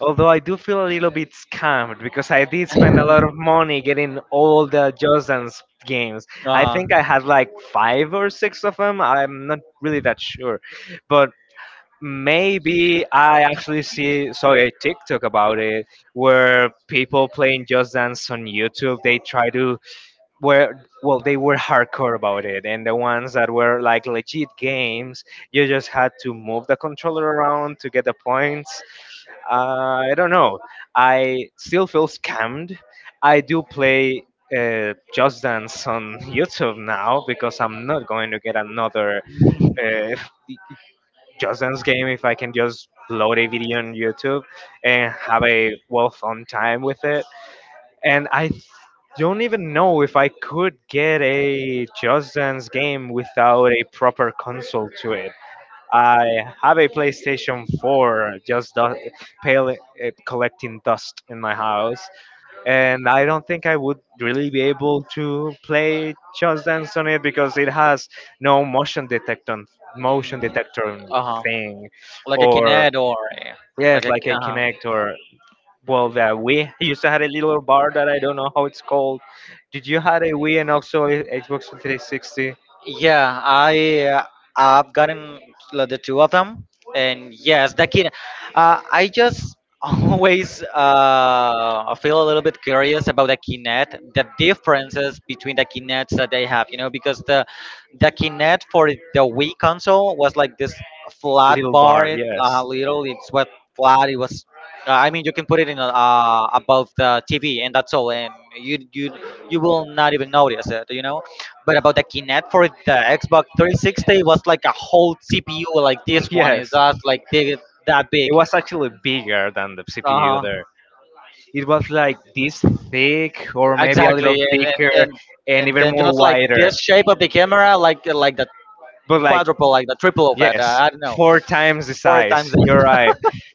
Although I do feel a little bit scammed because I did spend a lot of money getting all the Jordan's games. I
Uh-huh.
think I had like five or six of them. I'm not really that sure, but maybe I actually see saw a TikTok about it where people playing Just Dance on YouTube. They try to were well they were hardcore about it and the ones that were like legit games you just had to move the controller around to get the points. uh, I don't know, I still feel scammed. I do play uh, Just Dance on youtube now because I'm not going to get another uh, just Dance game if I can just load a video on YouTube and have a well fun time with it. and I th- don't even know if I could get a Just Dance game without a proper console to it. I have a PlayStation four just du- pale, uh, collecting dust in my house, and I don't think I would really be able to play Just Dance on it because it has no motion detector, motion
Mm.
detector
Uh-huh.
thing,
Like a
or
kinet or eh, like
yes,
a
like a
uh-huh.
Kinect. Or Well, the Wii I used to had a little bar that I don't know how it's called. Did you had a Wii and also a Xbox three sixty?
Yeah, I uh, I've gotten like, the two of them, and yes, the kid. Uh, I just always uh, feel a little bit curious about the Kinect, the differences between the Kinects that they have, you know, because the the Kinect for the Wii console was like this flat
Little
bar,
bar, yes.
uh, little. It's what flat. It was. Uh, I mean, you can put it in uh, above the T V, and that's all, and you you you will not even notice it, you know, but about the Kinect for the Xbox three sixty was like a whole C P U, like this one is
Yes,
just like big, that big.
it was actually bigger than the C P U
Uh
there.
huh.
It was like this thick, or maybe a
Exactly,
little
and and
thicker,
and
and
and
even
then
more
just like
wider.
this shape of the camera, like like the
But like,
quadruple, like the triple of it. Uh,
yes,
I don't know,
four times the
four
size.
times.
You're right.
That.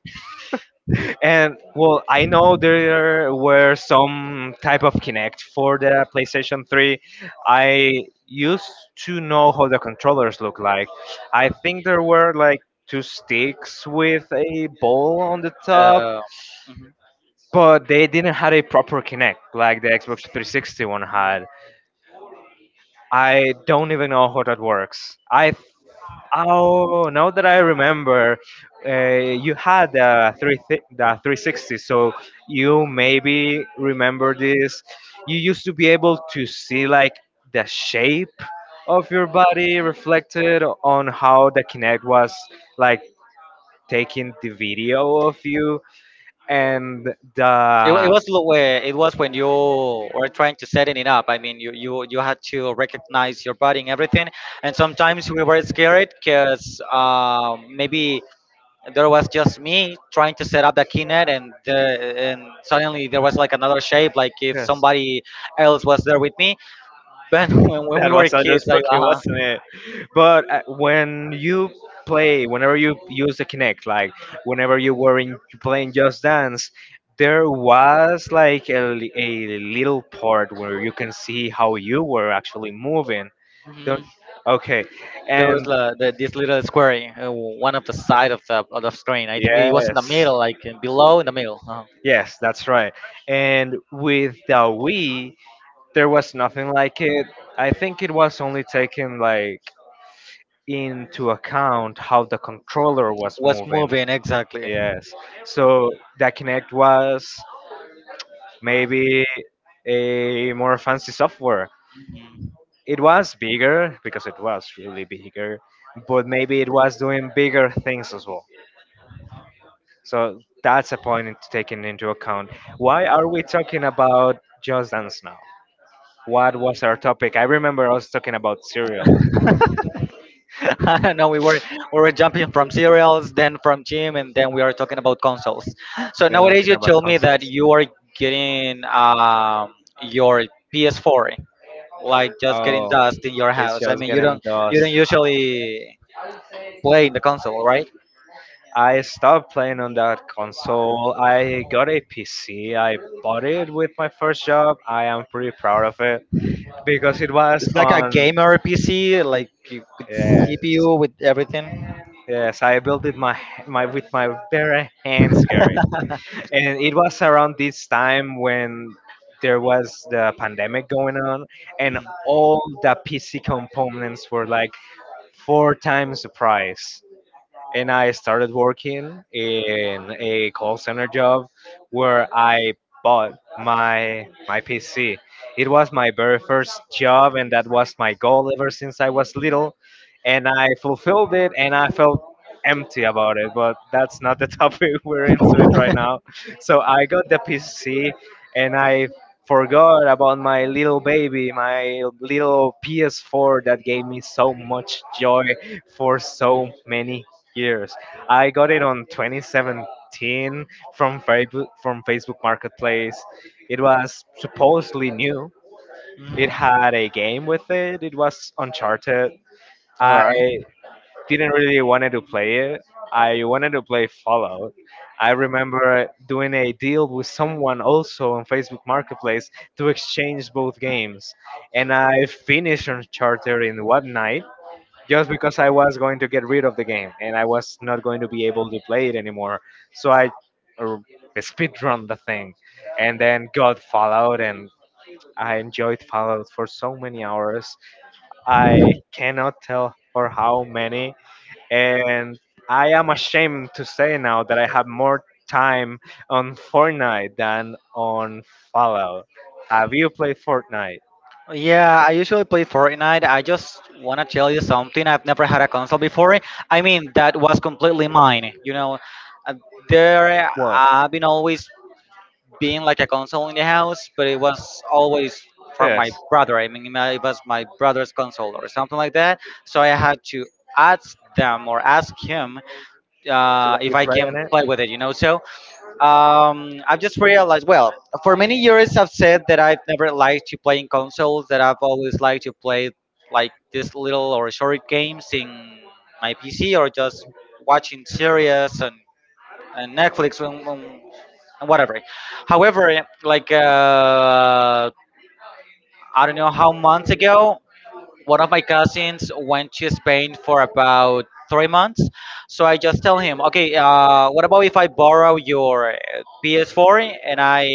And well, I know there were some type of Kinect for the PlayStation three. I used to know how the controllers look like. I think there were like two sticks with a ball on the top,
uh,
but they didn't have a proper Kinect like the Xbox three sixty one
mhm.
had. I don't even know how that works. I Oh, now that I remember, uh, you had the three thi- the three sixty, so you maybe remember this. You used to be able to see like the shape of your body reflected on how the Kinect was like taking the video of you, and
It, wa- it
the
was lo- where it was when you were trying to setting it up. I mean, you you you had to recognize your body and everything. And sometimes we were scared because um, maybe there was just me trying to set up the keynet, and the, and suddenly there was like another shape, like if
yes.
somebody else was there with me. But when, when we
That
were
was Andrew
kids, like
Spooky,
uh.
wasn't it? But uh, when you play, whenever you use the Kinect, like whenever you were in playing Just Dance, there was like a, li- a little part where you can see how you were actually moving.
Mhm.
Don't Okay.
There was
and
uh, the, this little square, in, uh, one of the side of the of the screen. I think it was in the
Yes,
middle, like uh, below in the middle. Uh
yes, that's right. And with the Wii there was nothing like it. I think it was only taken like into account how the controller was
was
moving.
moving exactly. So
Yes, so the Kinect was maybe a more fancy software. It was bigger because it was really bigger, but maybe it was doing bigger things as well. So that's a point to taking into account. Why are we talking about Just Dance now? What was our topic? I remember us talking about cereal.
I don't know. We were we were jumping from cereals, then from gym, and then we are talking about consoles. So
Then we we're
nowadays,
talking
you
about
told me that
consoles.
you are getting um, your P S four, like just getting
Oh,
dust in your
it's
house. I
just
mean, you
getting
don't you
dust.
don't usually play in the console, right?
I stopped playing on that console. I got a P C. I bought it with my first job. I am pretty proud of it because it was
It's like a
on.
gamer P C, like you- with
Yes,
C P U, with everything.
yes. I built it my my with my bare hands, Gary. And it was around this time when there was the pandemic going on, and all the P C components were like four times the price. And I started working in a call center job where I bought my my P C. It was my very first job and that was my goal ever since I was little, and I fulfilled it and I felt empty about it, but that's not the topic we're into it right now. So I got the P C and I forgot about my little baby, my little P S four that gave me so much joy for so many years. I got it on twenty seventeen from Facebook from Facebook Marketplace. It was supposedly new. It
Mm.
had a game with it. It was Uncharted.
All
I
right.
didn't really wanted to play it. I wanted to play Fallout. I remember doing a deal with someone also on Facebook Marketplace to exchange both games, and I finished Uncharted in one night just because I was going to get rid of the game and I was not going to be able to play it anymore. So I uh, speedrun the thing and then got Fallout and I enjoyed Fallout for so many hours. I cannot tell for how many. And I am ashamed to say now that I have more time on Fortnite than on Fallout. Have you played Fortnite?
Yeah, I usually play Fortnite. I just want to tell you something. I've never had a console before. I mean, that was completely mine. You know, Uh, there
What?
I've been always being like a console in the house, but it was always from
Yes.
my brother. I mean, my- it was my brother's console or something like that. So I had to ask them or ask him
To let
uh,
you
if I
play on
can
it.
play with it, you know. So um, I've just realized, well, for many years I've said that I've never liked to play in consoles, that I've always liked to play like these little or short games in my P C or just watching series and, and Netflix when, when and whatever. However, like uh, I don't know how months ago, one of my cousins went to Spain for about three months. So I just tell him, okay, uh, what about if I borrow your uh, P S four and I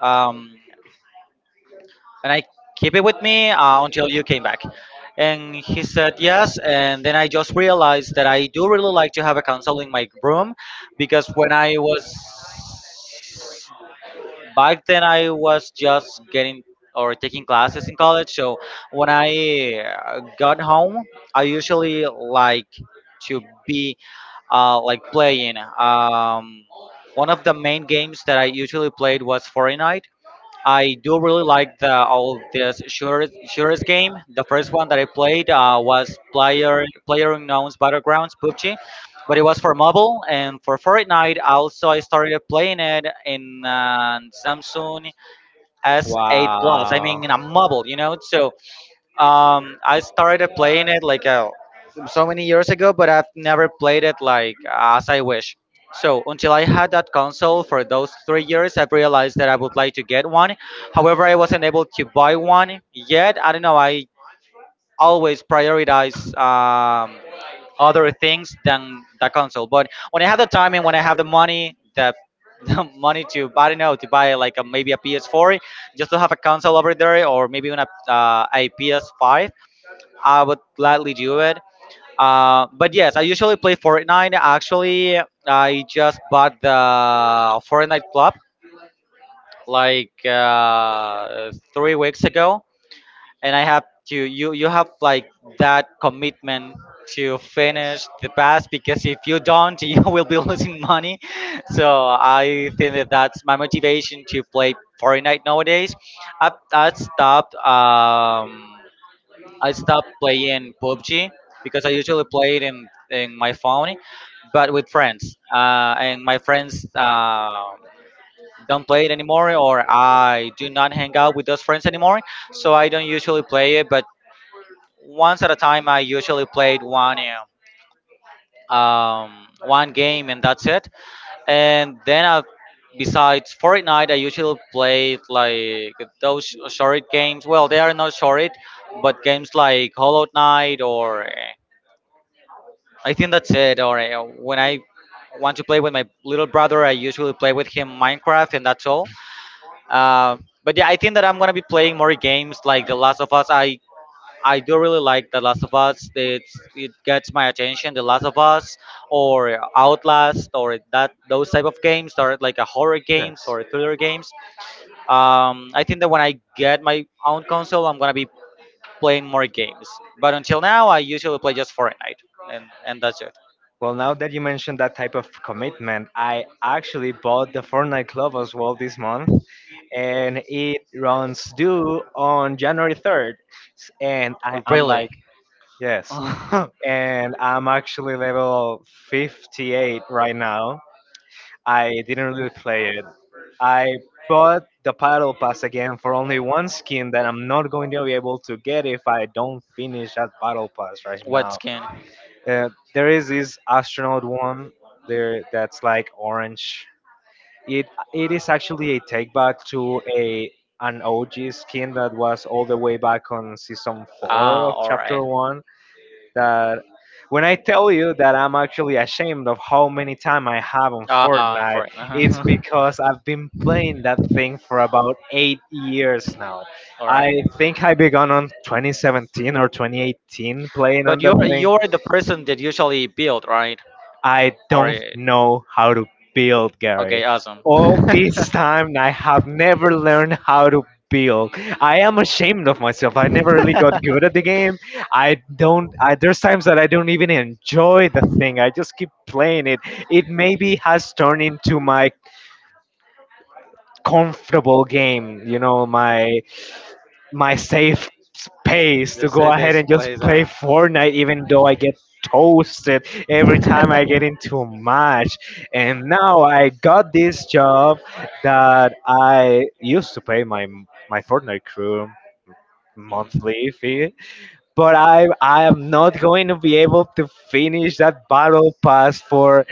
um, and I keep it with me uh, until you came back. And he said yes, and then I just realized that I do really like to have a console in my room because when I was back then I was just getting or taking classes in college. So when I uh, got home, I usually like to be uh, like playing. Um, one of the main games that I usually played was Fortnite. I do really like the all this shooters shooters game. The first one that I played uh, was Player Player Unknown's Battlegrounds P U B G, but it was for mobile and for Fortnite. Also, I started playing it in uh, Samsung S eight Plus. I mean,
Wow.
in a mobile, you know. So um, I started playing it like uh, so many years ago, but I've never played it like as I wish. So until I had that console for those three years, I realized that I would like to get one. However, I wasn't able to buy one yet. I don't know. I always prioritize um, other things than the console. But when I have the time and when I have the money, the the money to I don't know to buy like a, maybe a P S four, just to have a console over there, or maybe even a, uh, a P S five I would gladly do it. Uh, but yes, I usually play Fortnite. Actually, I just bought the Fortnite Club like uh, three weeks ago, and I have to. You you have like that commitment to finish the pass because if you don't, you will be losing money. So I think that that's my motivation to play Fortnite nowadays. I've, I stopped. Um, I stopped playing P U B G because I usually play it in, in my phone, but with friends. Uh, and my friends uh, don't play it anymore, or I do not hang out with those friends anymore. So I don't usually play it, but once at a time, I usually played one. Uh, um, one game and that's it. And then I, besides Fortnite, I usually play like those short games. Well, they are not short, but games like Hollow Knight or I think that's it. Or uh, when I want to play with my little brother, I usually play with him Minecraft, and that's all. Uh, but yeah, I think that I'm gonna be playing more games like The Last of Us. I I do really like The Last of Us. It's, it gets my attention. The Last of Us or Outlast or that those type of games are like a horror games
Yes.
or thriller games. Um, I think that when I get my own console, I'm gonna be playing more games. But until now, I usually play just Fortnite, and and that's it.
Well, now that you mentioned that type of commitment, I actually bought the Fortnite Club as well this month, and it runs due on January third. S- And I am
Really?
like, yes, and I'm actually level fifty-eight right now. I didn't really play it. I bought the paddle pass again for only one skin that I'm not going to be able to get if I don't finish that paddle pass right
What
now.
skin?
Uh, there is this astronaut one there that's like orange. It it is actually a take back to a an O G skin that was all the way back on season four
Ah,
of
all right.
chapter one. That When I tell you that I'm actually ashamed of how many time I have on
Ah, I'm
Fortnite, it's
right.
because I've been playing that thing for about eight years now.
All
I
right.
think I began on twenty seventeen or twenty eighteen playing
But
on
you're
that thing.
you're the person that usually build, right?
I
Or
don't know how to build, Gary.
okay, awesome.
All this time, I have never learned how to build. I am ashamed of myself. I never really got good at the game. I don't. I, There's times that I don't even enjoy the thing. I just keep playing it. It maybe has turned into my comfortable game. You know, my my safe space to
Just
go
say
ahead
this
and just
place,
play
huh?
Fortnite, even though I get toasted every time I get into a match. And now I got this job that I used to pay my my Fortnite crew
mm.
monthly fee, but I I am not going to be able to finish that battle pass for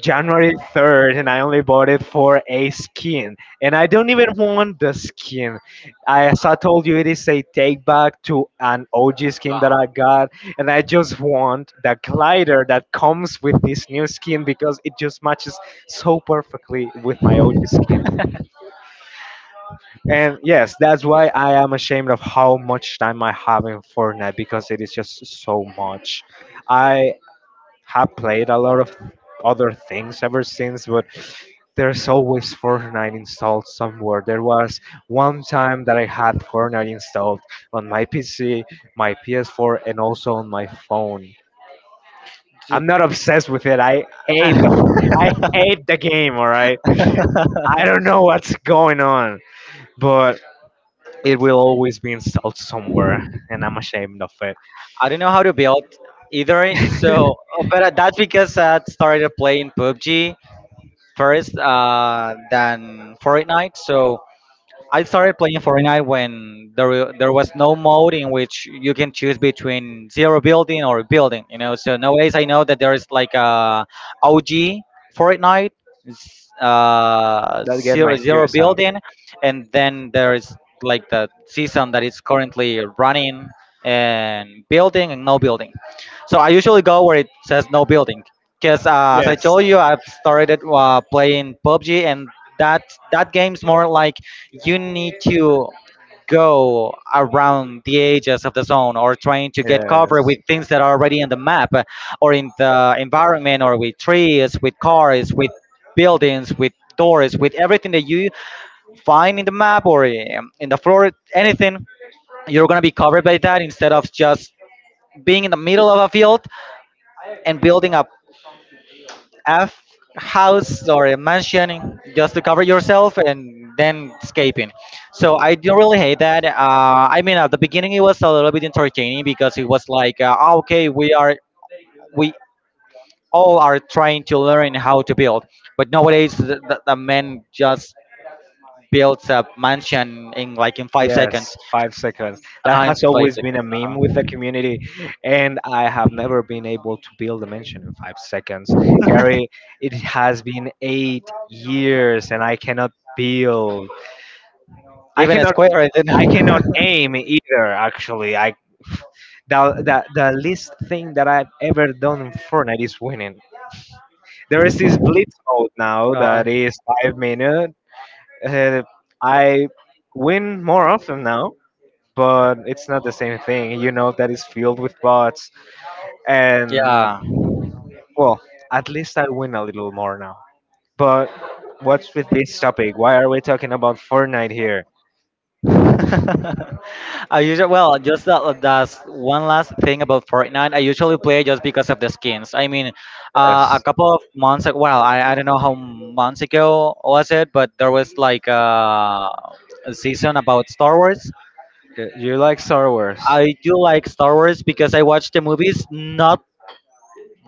January third and I only bought it for a skin and I don't even want the skin. I, as I told you, it is a take back to an O G skin that I got and I just want the glider that comes with this new skin because it just matches so perfectly with my O G skin. And yes, that's why I am ashamed of how much time I have in Fortnite because it is just so much. I have played a lot of other things ever since, but there's always Fortnite installed somewhere. There was one time that I had Fortnite installed on my P C, my P S four, and also on my phone. I'm not obsessed with it. I hate the I hate the game. All right, I don't know what's going on, but it will always be installed somewhere, and I'm ashamed of it.
I don't know how to build either. So, uh, but uh, that's because I started playing P U B G first uh, than Fortnite. So I started playing Fortnite when there wa- there was no mode in which you can choose between zero building or building. You know, so nowadays I know that there is like a O G Fortnite, s- uh,
That get my
zero zero
tears.
building, and then there is like the season that is currently running and building and no building. So I usually go where it says no building, because uh, as I
Yes.
told you, I've started uh, playing P U B G, and that that game's more like you need to go around the edges of the zone or trying to get covered
Yes.
with things that are already on the map uh, or in the environment or with trees, with cars, with buildings, with doors, with everything that you find in the map or um, in the floor, anything, you're going to be covered by that instead of just being in the middle of a field and building a F house or a mansion just to cover yourself and then escaping. So I don't really hate that. Uh, I mean, at the beginning it was a little bit entertaining because it was like, uh, "Ah, okay, we are we all are trying to learn how to build, but nowadays the, the, the man just builds a mansion in like in five
Yes,
seconds.
five seconds. That
Uh, in
has
five
always been
seconds.
a meme with the community, and I have never been able to build a mansion in five seconds.
Uh-huh.
Gary, it has been eight years, and I cannot build. I
Even a
cannot.
square, I
I
didn't.
cannot aim either. Actually, I the the the least thing that I've ever done in Fortnite is winning. There is this blitz mode now
uh,
that is five minutes. Uh, I win more often now, but it's not the same thing. You know that is filled with bots, and
yeah.
well, at least I win a little more now. But what's with this topic? Why are we talking about Fortnite here?
I usually well just that, that's one last thing about Fortnite. I usually play just because of the skins. I mean, uh, a
Yes,
couple of months ago, well, I, I don't know how months ago was it, but there was like uh, a season about Star Wars.
y- you like Star Wars.
I do like Star Wars because I watch the movies not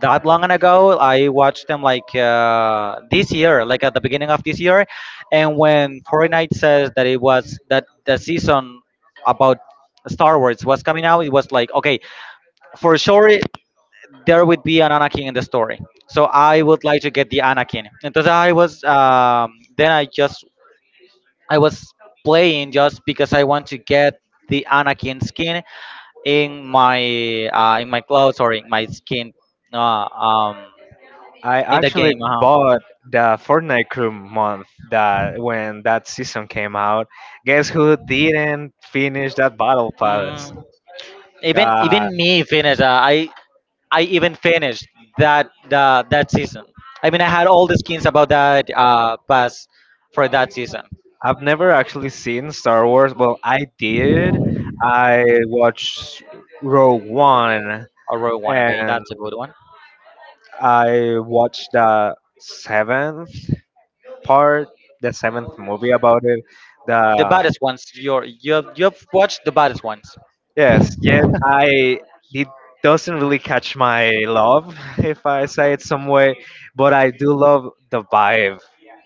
that long ago. I watched them like uh, this year, like at the beginning of this year, and when Fortnite says that it was that the season about Star Wars was coming out, it was like okay, for sure it- there would be an Anakin in the story. So I would like to get the Anakin. Entonces I was um, then I just I was playing just because I want to get the Anakin skin in my uh, in my clothes or in my skin uh, um,
I
in the
actually
game. Uh-huh.
bought the Fortnite crew month that when that season came out. Guess who didn't finish that battle pass?
Mm, even
God,
even me finished. Uh, I I even finished that the that season. I mean, I had all the skins about that uh pass for that season.
I've never actually seen Star Wars. Well, I did. I watched Rogue One
A row one, okay,
and
that's a good one.
I watched the seventh part, the seventh movie about it.
The
The
baddest ones. You're you've you've watched the baddest ones.
Yes, yet I it doesn't really catch my love if I say it some way, but I do love the vibe.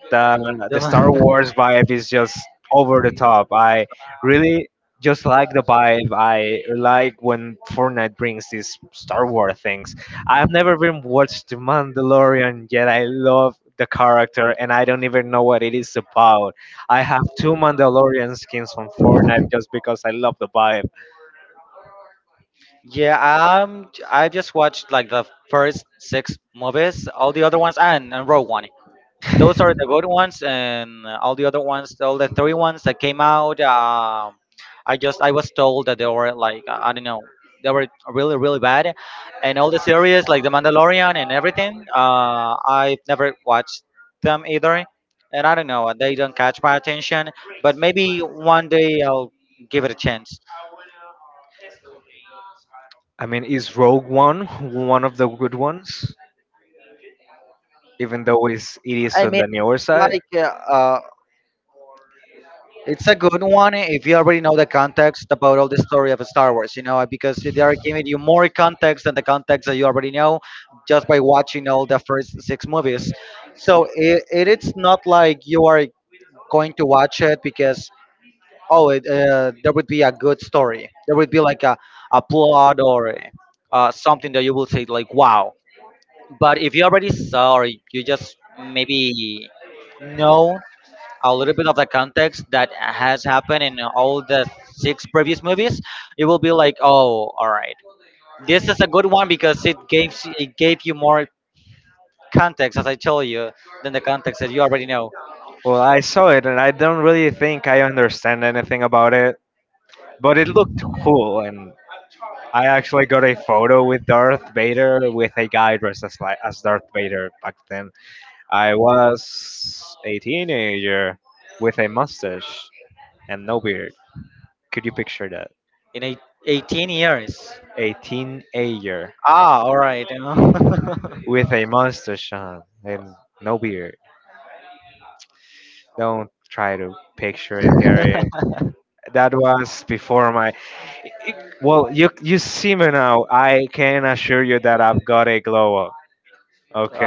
The the Star Wars vibe is just over the
The-
top. I really just like the vibe. I like when Fortnite brings these Star Wars things. I've never even watched The Mandalorian yet. I love the character and I don't even know what it is about. I have two Mandalorian skins from Fortnite just because I love the vibe.
Yeah, um, j- I just watched like the first six movies, all the other ones, and, and Rogue One. Those are the good ones, and all the other ones, all the three ones that came out. Um, I just I was told that they were like I don't know, they were really really bad, and all the series like The Mandalorian and everything. Uh, I've never watched them either, and I don't know, they don't catch my attention. But maybe one day I'll give it a chance.
I mean, is Rogue One one of the good ones? Even though it's, it is
I
on
mean,
the newer side.
like uh, it's a good one if you already know the context about all the story of Star Wars, you know, because they are giving you more context than the context that you already know just by watching all the first six movies. So it, it it's not like you are going to watch it because oh, it, uh, there would be a good story, there would be like a, a plot or uh, something that you will say like wow. But if you already saw or you just maybe know a little bit of the context that has happened in all the six previous movies, it will be like, oh, all right, this is a good one because it gave it gave you more context, as I told you, than the context that you already know
Well, I saw it and I don't really think I understand anything about it, but it looked cool and I actually got a photo with Darth Vader with a guy dressed as like as Darth Vader back then. I was a teenager with a mustache and no beard. Could you picture that?
in eight, eighteen years.
A teenager
Ah, all right, you know.
with a mustache on and no beard. Don't try to picture it, Gary. That was before my— Well, you you see me now. I can assure you that I've got a glow up.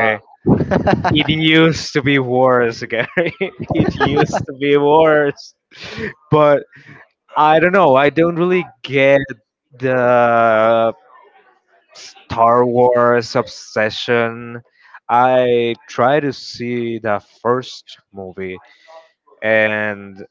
Ah.
It used to be worse, Gary. It used to be worse. But I don't know. I don't really get the Star Wars obsession. I try to see the first movie, and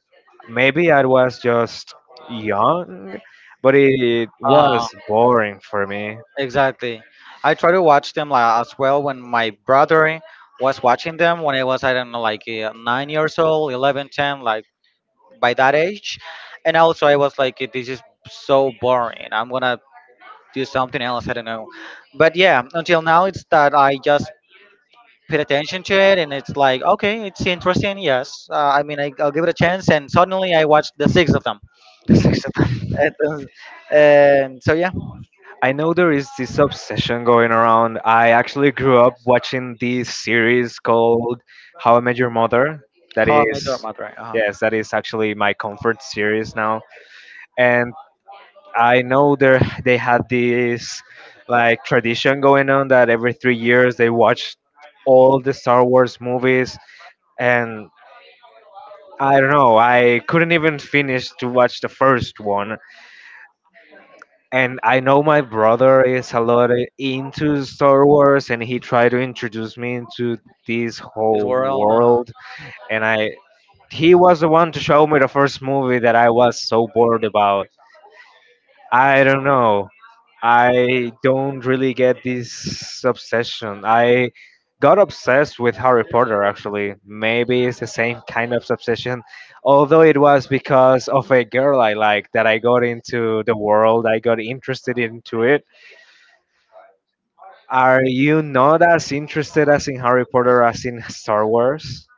maybe I was just young, but it
Ah,
was boring for me.
Exactly. I try to watch them like, as well, when my brother was watching them when I was I don't know like uh, nine years old, eleven, ten, like by that age. And also I was like this is so boring. I'm going to do something else, I don't know. But yeah, until now it's that I just paid attention to it and it's like okay, it's interesting. Yes. Uh, I mean I, I'll give it a chance and suddenly I watched the six of them.
The six
and,
of them.
uh, and so yeah,
I know there is this obsession going around. I actually grew up watching this series called How I Met Your Mother. That
how I met your
is,
mother. Uh-huh.
yes, that is actually my comfort series now. And I know there they had this like tradition going on that every three years they watch all the Star Wars movies. And I don't know, I couldn't even finish to watch the first one. And I know my brother is a lot into Star Wars, and he tried to introduce me into this
This
whole
world, uh-huh.
world. And I, he was the one to show me the first movie that I was so bored about. I don't know. I don't really get this obsession. I got obsessed with Harry Potter actually. Maybe it's the same kind of obsession, although it was because of a girl I liked that I got into the world. I got interested into it. Are you not as interested as in Harry Potter as in Star Wars?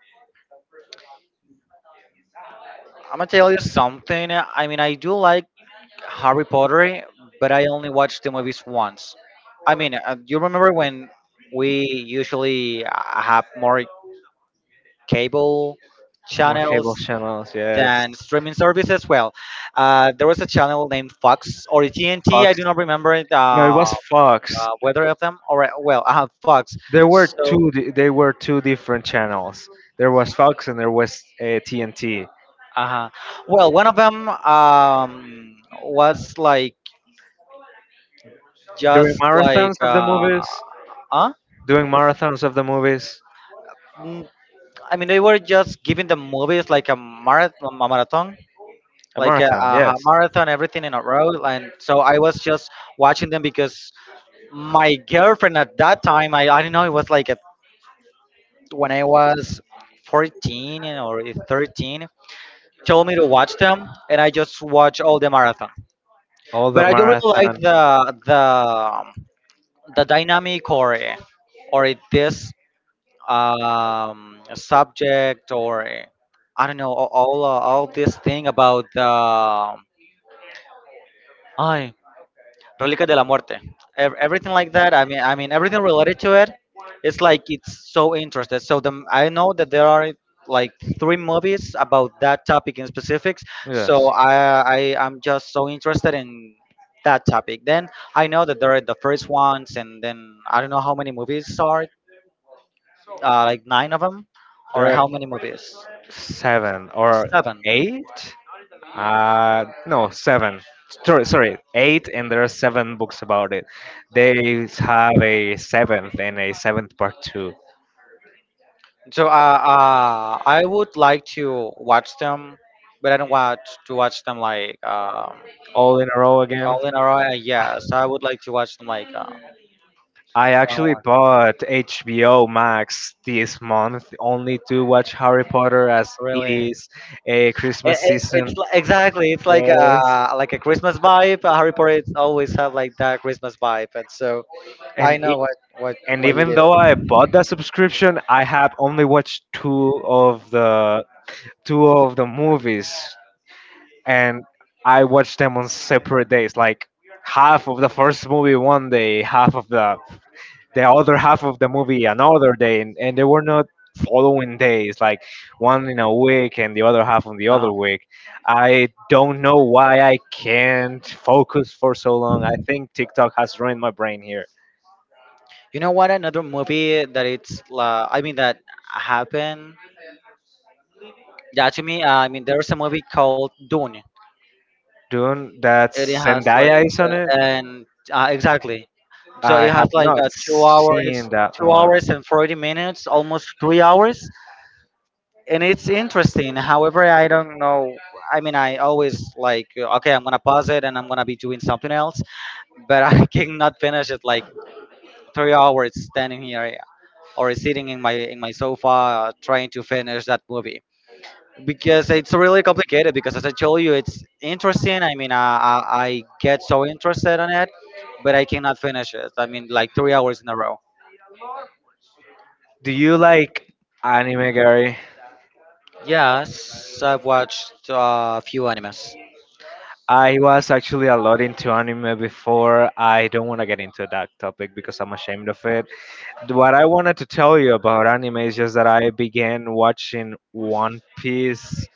I'm gonna tell you something. I mean, I do like Harry Potter, but I only watched the movies once. I mean, uh, you remember when we usually uh, have more cable
More cable
channels
channels, yes.
than streaming services? Well, uh, there was a channel named Fox or T N T. I
Fox.
do not remember it,
No, it
uh,
was Fox.
uh, whether of them or uh, well, uh, Fox.
There were
So,
two. di- They were two different channels. There was Fox and there was uh, T N T.
uh well, one of them um, was like
During
just
marathons
like
of the
uh,
movies,
huh?
doing marathons of the movies,
I mean, they were just giving the movies like a marathon, a marathon,
a
like a,
marathon,
a ha-
yes.
marathon, everything in a row. And so I was just watching them because my girlfriend at that time, I, I don't know, it was like at, when I was fourteen or thirteen, told me to watch them, and I just watch all the marathon.
All the
But I do really like
marathon.
the the the dynamic or or it, this um subject or eh, I don't know all all, uh, all this thing about uh, ay Relica de la Muerte, ev- everything like that. I mean, I mean everything related to it. It's like it's so interested. So the I know that there are like three movies about that topic in specifics. So
Yes.
I I am just so interested in that topic. Then I know that there are the first ones, and then I don't know how many movies are, uh, like nine of them, or
There
how many movies.
seven or
Seven.
eight. Uh, no, seven. Sorry, sorry, eight, and there are seven books about it. They have a seventh and a seventh part two,
So uh, uh, I would like to watch them, but I don't watch to watch them like um,
all in a row again.
all in a row. uh, Yeah, so I would like to watch them like uh,
I
one
actually
one.
bought H B O Max this month only to watch Harry Potter as it
Really, it,
is a Christmas
it, it's
season.
li- exactly, it's like a
Yes.
like a Christmas vibe. uh, Harry Potter it's always have like that Christmas vibe, and so I
And—
know what what
And
what you
even
did.
though I bought that subscription, I have only watched two of the two of the movies, and I watched them on separate days. Like half of the first movie one day, half of the the other half of the movie another day, and, and they were not following days. Like one in a week and the other half on the
Uh-huh.
other week. I don't know why I can't focus for so long. I think TikTok has ruined my brain here.
You know what? Another movie that it's uh, I mean that happened. Yeah, to me, uh, I mean there's a movie called Dune.
Dune that
It has like
Zendaya is on it?
uh, and uh, exactly. So
I
it has
have
like
not
uh, two
seen
hours,
that
two
one.
hours and forty minutes, almost three hours, and it's interesting. However, I don't know. I mean, I always like uh, okay, I'm gonna pause it and I'm gonna be doing something else, but I cannot finish it like three hours standing here, yeah, or sitting in my in my sofa uh, trying to finish that movie because it's really complicated because as I told you it's interesting, I mean i i, I get so interested in it, but I cannot finish it, I mean like three hours in a row.
Do you like anime, Gary?
Yes, I've watched uh, a few animes.
I was actually a lot into anime before. I don't want to get into that topic because I'm ashamed of it. What I wanted to tell you about anime is just that I began watching One Piece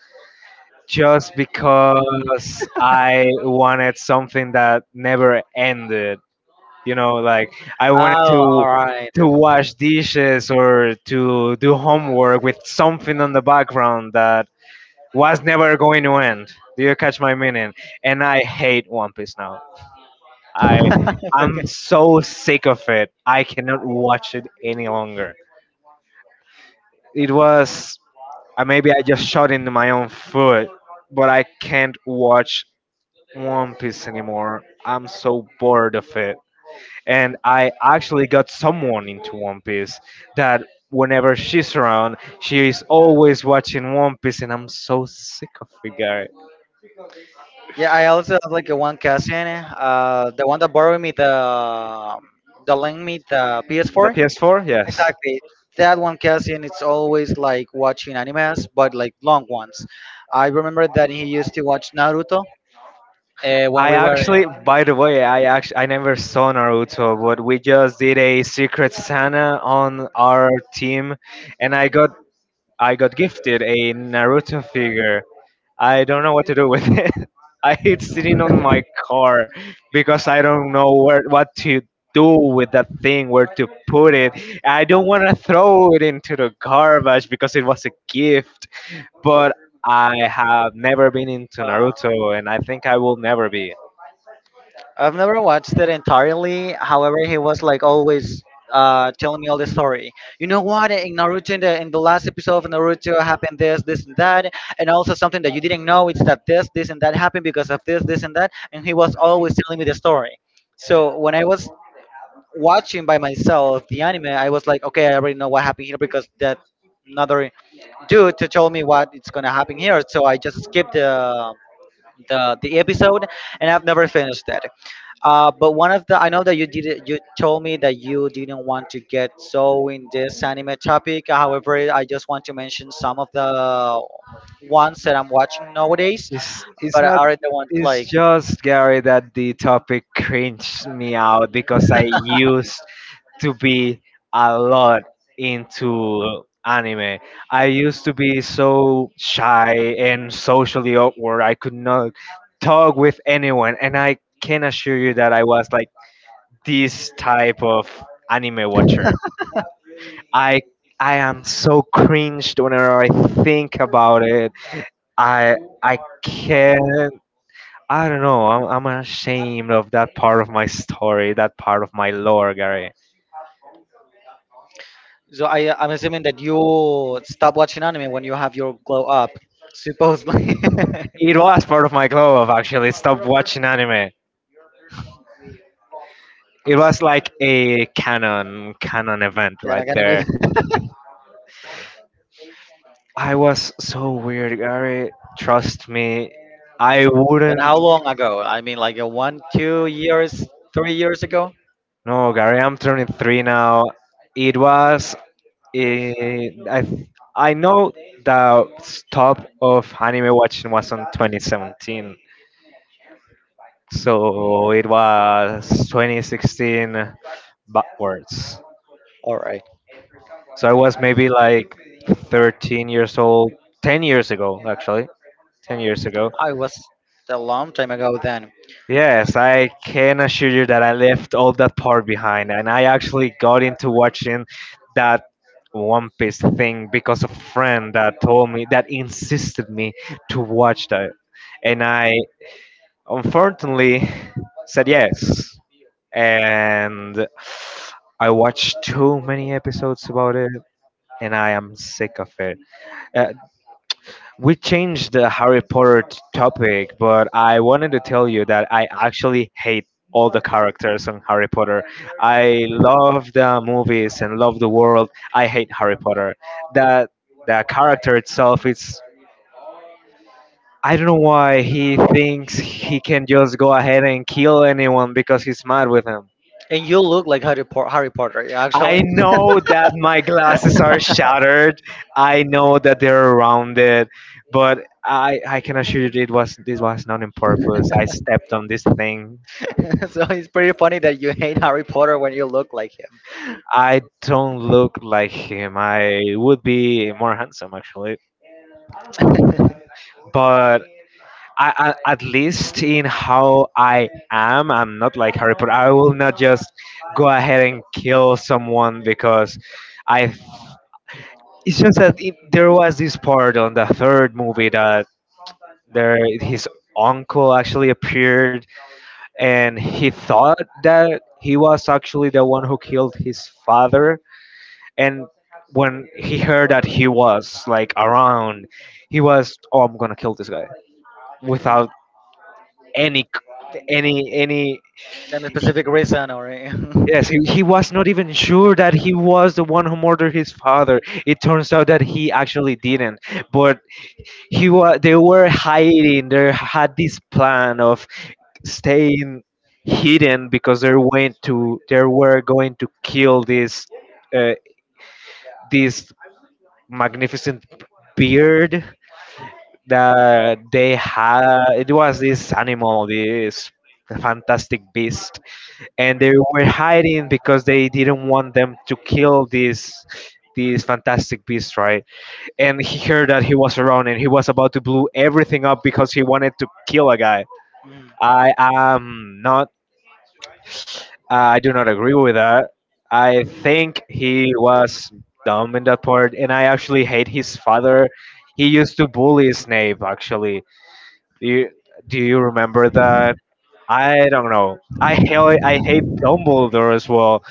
just because I wanted something that never ended. You know, like I wanted to
Oh, all right.
to wash dishes or to do homework with something on the background that was never going to end. Do you catch my meaning? And I hate One Piece now. i i'm
Okay.
so sick of it. I cannot watch it any longer. It was, uh, maybe I just shot into my own foot, but I can't watch One Piece anymore. I'm so bored of it. And I actually got someone into One Piece that whenever she's around, she is always watching One Piece, and I'm so sick of it, guy.
Yeah, I also have like a one cousin, uh the one that borrowed me the um, the link me the
The
P S four,
P S four, yes.
exactly, that one Cassian, it's always like watching animes but like long ones. I remember that he used to watch Naruto uh, when
I
we were.
actually, by the way, I actually I never saw Naruto, but we just did a Secret Santa on our team, and I got I got gifted a Naruto figure. I don't know what to do with it. I hate sitting on my car because I don't know where what to do with that thing, where to put it. I don't want to throw it into the garbage because it was a gift. But I have never been into Naruto, and I think I will never be.
I've never watched it entirely. However, he was like always uh, telling me all the story. You know what? In Naruto, in the, in the last episode of Naruto, happened this, this, and that, and also something that you didn't know. It's that this, this, and that happened because of this, this, and that. And he was always telling me the story. So when I was watching by myself the anime, I was like, okay, I already know what happened here because that another dude to tell me what it's gonna happen here. So I just skipped the the the episode and I've never finished that. Uh, but one of the I know that you did it, you told me that you didn't want to get so in this anime topic. However, I just want to mention some of the ones that I'm watching nowadays,
It's it's
but
not
are the ones
it's
like,
just, Gary, that the topic cringed me out because I used to be a lot into anime. I used to be so shy and socially awkward. I could not talk with anyone, and I can assure you that I was like this type of anime watcher. I I am so cringed whenever I think about it. I I can't. I don't know. I'm, I'm ashamed of that part of my story, that part of my lore, Gary.
so I I'm assuming that you stop watching anime when you have your glow up, supposedly. Can
It was part of my club actually. Stop watching anime. It was like a canon canon event
I
right
get a move?
there. I was so weird, Gary. Trust me, I
And
wouldn't.
how long ago? I mean, like a one, two years, three years ago.
No, Gary, I'm turning three now. It was. eh, I th- I know the stop of anime watching was on twenty seventeen, so it was twenty sixteen backwards.
All right.
So I was maybe like thirteen years old, ten years ago, actually. ten years ago.
I was a long time ago then.
Yes, I can assure you that I left all that part behind, and I actually got into watching that One Piece thing because a friend that told me that insisted me to watch that, and I unfortunately said yes, and I watched too many episodes about it, and I am sick of it. Uh, we changed the Harry Potter t- topic, but I wanted to tell you that I actually hate all the characters on Harry Potter. I love the movies and love the world. I hate Harry Potter. That the character itself is— I don't know why he thinks he can just go ahead and kill anyone because he's mad with him.
And you look like Harry, po- Harry Potter, yeah, actually.
I know that my glasses are shattered. I know that they're rounded, but I I can assure you it was this was not on purpose. I stepped on this thing.
So it's pretty funny that you hate Harry Potter when you look like him.
I don't look like him. I would be more handsome actually, but I, I, at least in how I am, I'm not like Harry Potter. I will not just go ahead and kill someone because I. It's just that it, there was this part on the third movie that there his uncle actually appeared and he thought that he was actually the one who killed his father, and when he heard that he was like around, he was, oh, I'm gonna kill this guy without any c- any any
And a
he-
specific reason, or. a-
yes, he, he was not even sure that he was the one who murdered his father. It turns out that he actually didn't, but he was— They were hiding. They had this plan of staying hidden because they're going to they were going to kill this, uh, this magnificent beard that they had. It was this animal, this fantastic beast, and they were hiding because they didn't want them to kill this, this fantastic beast, right? And he heard that he was around, and he was about to blow everything up because he wanted to kill a guy. I am not— Uh, I do not agree with that. I think he was dumb in that part, and I actually hate his father. He used to bully Snape. Actually, do you, do you remember that? I don't know. I hate I hate Dumbledore as well.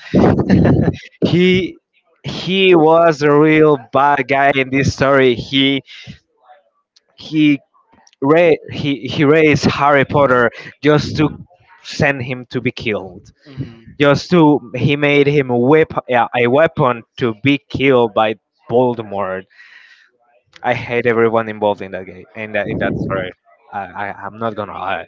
He he was a real bad guy in this story. He he ra- he he raised Harry Potter just to
Mm.
send him to be killed.
Mhm.
Just to He made him a weapon, a weapon to be killed by Voldemort. I hate everyone involved in that game, in that in that story. I, I I'm not gonna lie.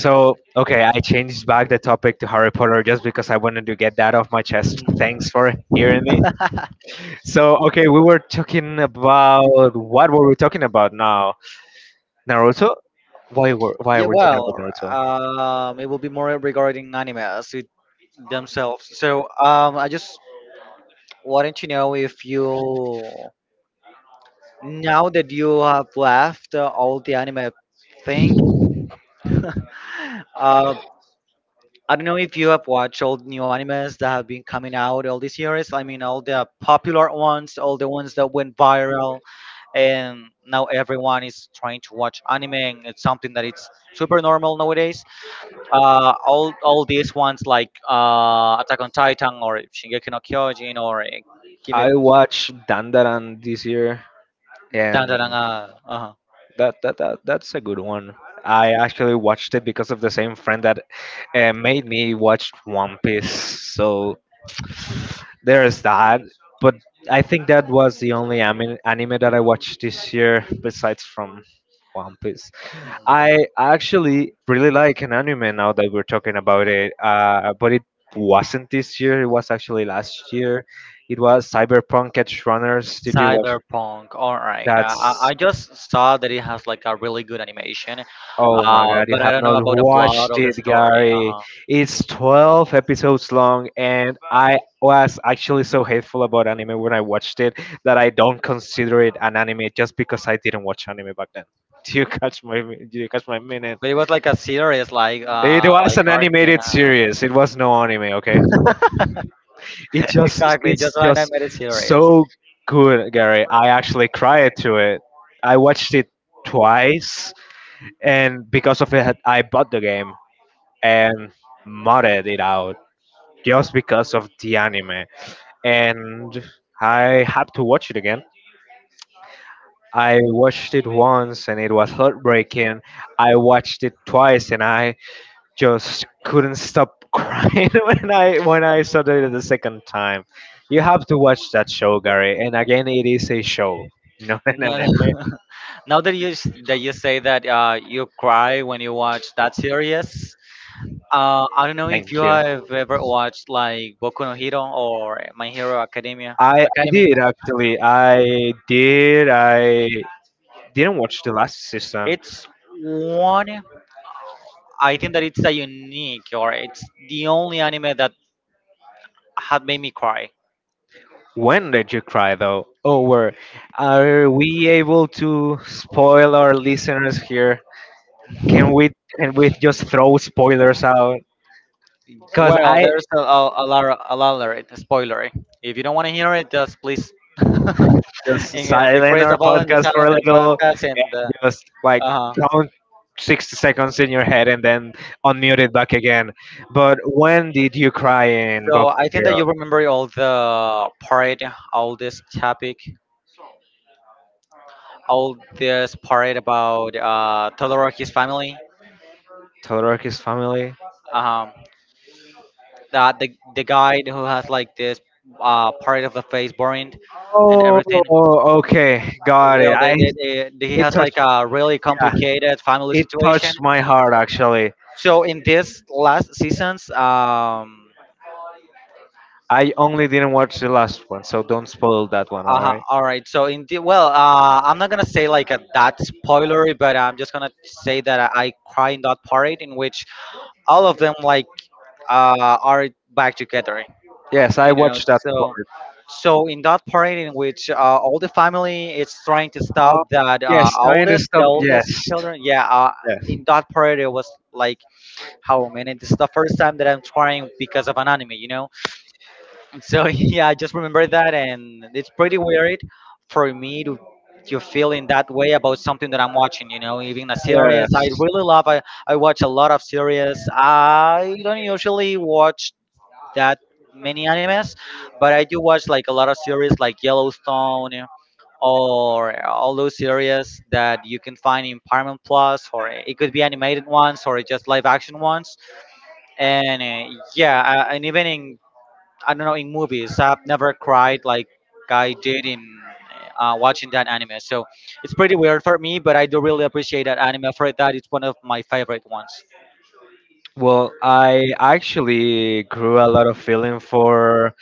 So okay, I changed back the topic to Harry Potter just because I wanted to get that off my chest.
Mhm.
Thanks for hearing me. So okay, we were talking about what were we talking about now? Naruto. Why were why are
Yeah,
we talking about
well,
Naruto?
um, it will be more regarding animes it- themselves. So, um, I just wanted to know if you, now that you have left uh, all the anime thing, uh, I don't know if you have watched all the new animes that have been coming out all these years. I mean, all the popular ones, all the ones that went viral, and now everyone is trying to watch anime. And it's something that it's super normal nowadays. Uh, all all these ones like uh, Attack on Titan or Shingeki no Kyojin or uh, Kimi.
I watched Dandaran this year,
Dun,
and—
dun, dun, uh, uh-huh.
That, that that that's a good one. I actually watched it because of the same friend that uh, made me watch One Piece. So there's that. But I think that was the only anime, anime that I watched this year besides from One Piece.
Mhm.
I actually really like an anime now that we're talking about it. Uh, but it wasn't this year. It was actually last year. It was Cyberpunk Edge Runners. Did you watch?
Cyberpunk. All right. I, I,
That's—
I just saw that it has like a really good animation,
Oh my
uh,
god, you
but I
have
don't know
not
about the plot
watched
or the
it,
story.
Gary.
Uh-huh.
It's twelve episodes long, and I was actually so hateful about anime when I watched it that I don't consider it an anime just because I didn't watch anime back then. Do you catch my do you catch my meaning?
But it was like a series, like
It
uh,
was
like
an
Arcane.
animated series. It was no anime, okay? It just
Exactly,
it's
just when I
just
made it serious.
so good, Gary. I actually cried to it. I watched it twice, and because of it I bought the game and modded it out just because of the anime. And I had to watch it again. I watched it once and it was heartbreaking. I watched it twice, and I just couldn't stop crying when I when I saw it the second time. You have to watch that show, Gary. And again, it is a show, not an
Now,
anime.
that- Now that you s- that you say that uh, you cry when you watch that series, uh, I don't know if you
Thank you.
have ever watched like Boku no Hero or My Hero Academia.
I, I
Academy.
did actually. I did. I didn't watch the last season.
It's one. I think that it's a unique, or it's the only anime that had made me cry.
When did you cry though? Oh, where are we able to spoil our listeners here? Can we can we just throw spoilers out? Cause
Well,
I
there's a, a, a lot, of- a lot of it, spoilery. If you don't want to hear it, just please. And
just
uh,
silent
decrease the
our
volume just
podcast for
on
a
the
little,
podcast and.
just
Uh,
like
uh
count sixty seconds in your head and then unmute it back again. But when did you cry in
so
Boku no
I think that
Hero?
you remember all the part, all this topic, all this part about uh, Todoroki's family.
Todoroki's family?
Uh-huh. that The the guy who has like this uh part of the face burned and
Oh,
everything.
okay, got it.
Well, they,
I
they, they, he
it
has like
touched
a really
Yeah,
complicated family
it
situation.
touched my heart actually.
So in this last seasons, um,
I only didn't watch the last one, so don't spoil that one,
uh,
alright?
all right. So in the, well, uh, I'm not gonna say like a, that spoilery, but I'm just gonna say that I, I cry in that part in which all of them like uh, are back together
Yes, I
you know
watched that part.
so so in that part in which uh, all the family is trying to
Oh,
stop that uh,
yes, I
oldest the
understand.
oldest
Yes,
children, yeah. Uh,
yes,
in that part it was like how many this is the first time that i'm trying because of an anime you know And so yeah, I just remember that. And it's pretty weird for me to to feel in that way about something that i'm watching you know Even a series i
yes.
really love i, I watch a lot of series. I don't usually watch that many animes, but I do watch like a lot of series like Yellowstone or all those series that you can find in Paramount Plus, or it could be animated ones or just live action ones. And uh, yeah, uh, and even in, I don't know, in movies, I've never cried like I did in uh, watching that anime. So it's pretty weird for me, but I do really appreciate that anime for that. It's one of my favorite ones.
Well, I actually grew a lot of feeling for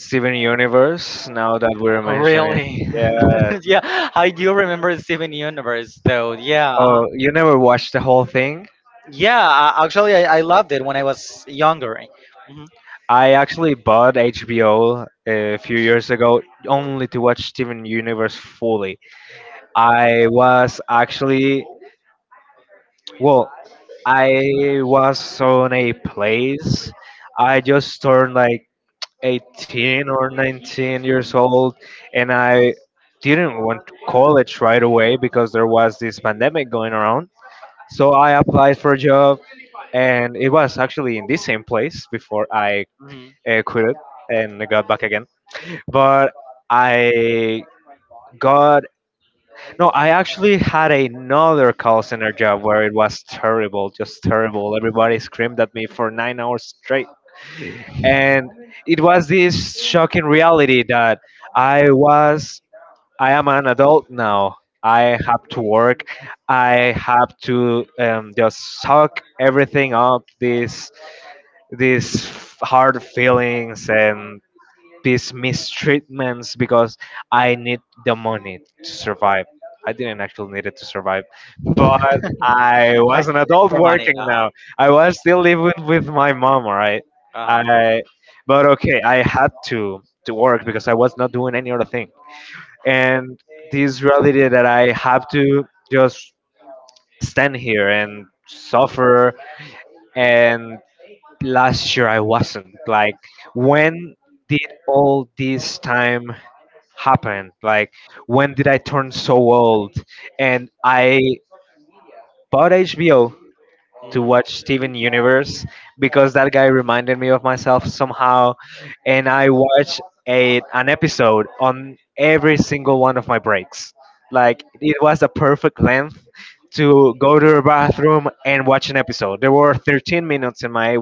Steven Universe now that we're mentioning.
Really?
Yes.
Yeah, I do remember Steven Universe though. Yeah, uh-huh.
Oh, you never watched the whole thing?
Yeah. I, actually, I, I loved it when I was younger. hmm
I actually bought H B O a few years ago only to watch Steven Universe fully. I was actually, well, I was on a place. I just turned like eighteen or nineteen years old, and I didn't want to college right away because there was this pandemic going around. So I applied for a job, and it was actually in the same place before I
hmm
uh, quit it and got back again. But I got no. I actually had another call center job where it was terrible, just terrible. Everybody screamed at me for nine hours straight, and it was this shocking reality that I was. I am an adult now. I have to work. I have to um, just suck everything up. These these hard feelings and these mistreatments because I need the money to survive. I didn't actually need it to survive, but I
Like,
was an adult
for money.
working
Uh-huh.
now. I was still living with my mom, all right?
Uh-huh.
I, but okay, I had to to work because I was not doing any other thing. And this reality that I have to just stand here and suffer. And last year I wasn't. Like, when did all this time happened. Like, when did I turn so old? And I bought H B O to
Mm.
watch Steven Universe because that guy reminded me of myself somehow. And I watched a, an episode on every single one of my breaks. Like, it was the perfect length to go to the bathroom and watch an episode. There were thirteen minutes in my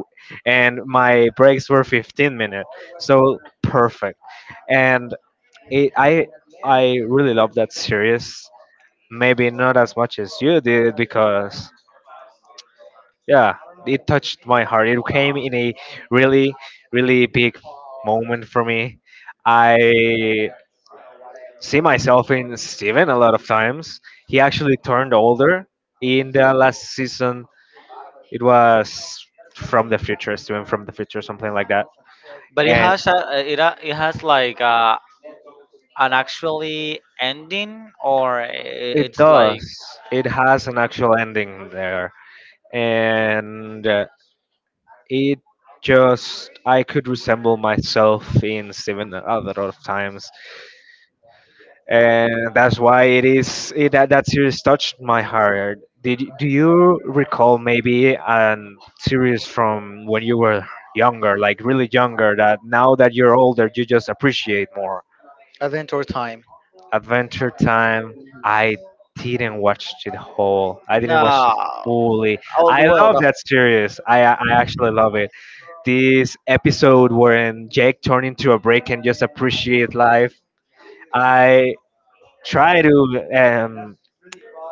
and my breaks were fifteen minutes. So perfect. And it, I I really love that series. Maybe not as much as you did because yeah, it touched my heart. It came in a really, really big moment for me. I see myself in Steven a lot of times. He actually turned older in the last season. It was from the future, Steven from the future, something like that.
But it
And
has a uh, it ha- it has like uh an actually ending, or i-
it
it's
does.
like
It has an actual ending there, and uh, It just I could resemble myself in Steven a lot of times, and that's why it is it, that that series touched my heart. Did y- do you recall maybe a series from when you were younger, like really younger, that now that you're older you just appreciate more?
Adventure Time.
Adventure Time. I didn't watch it whole. I didn't watch
No.
it fully.
Oh
I
well,
love
the
that series. I I I actually love it. This episode wherein Jake turned into a break and just appreciate life. I try to, um,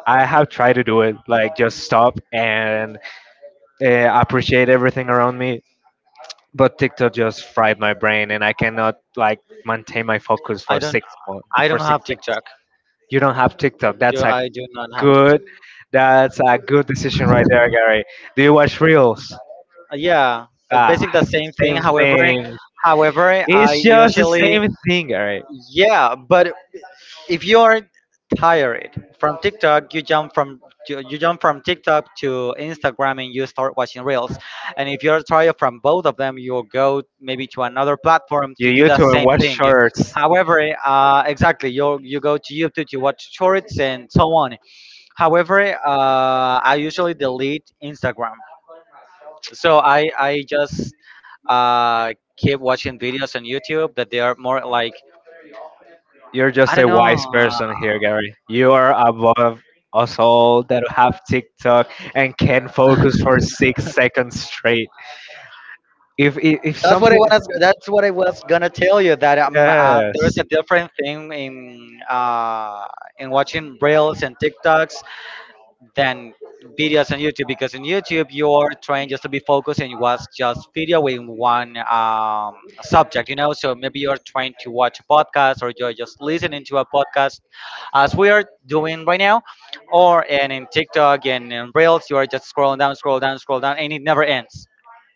I have tried to do it, like just stop and uh, appreciate everything around me. But TikTok just fried my brain, and I cannot like maintain my focus
I
for
don't
six months.
I don't
For six,
have TikTok.
you don't have TikTok.
You,
That's a
I do not have TikTok.
good, that's a good decision right there, Gary. Do you watch reels?
Uh, Yeah, it's
Ah,
basically the same thing.
same
However,
thing.
however, I
It's just the
usually,
same thing, alright.
yeah. But if you are tired from TikTok, you jump from you you jump from TikTok to Instagram and you start watching reels. And if you're tired from both of them, you'll go maybe to another platform
You
to do the
YouTube and
same
watch
thing.
shorts.
However, uh, exactly, you you go to YouTube to watch shorts and so on. However, uh, I usually delete Instagram. So I, I just uh, keep watching videos on YouTube that they are more like,
You're
I
just
don't
a wise
know.
person here, Gary. You are above us all that have TikTok and can
uh,
focus for six seconds straight. If if, if
That's what I
something,
was. That's what I was gonna tell you. That um, uh, there's
yes,
a different thing in uh, in watching reels and TikToks than videos on YouTube, because in YouTube you're trying just to be focused and watch just video with one um, subject, you know. So maybe you're trying to watch a podcast, or you're just listening to a podcast as we are doing right now, or and in TikTok and in Reels you are just scrolling down, scroll down, scroll down, and it never ends.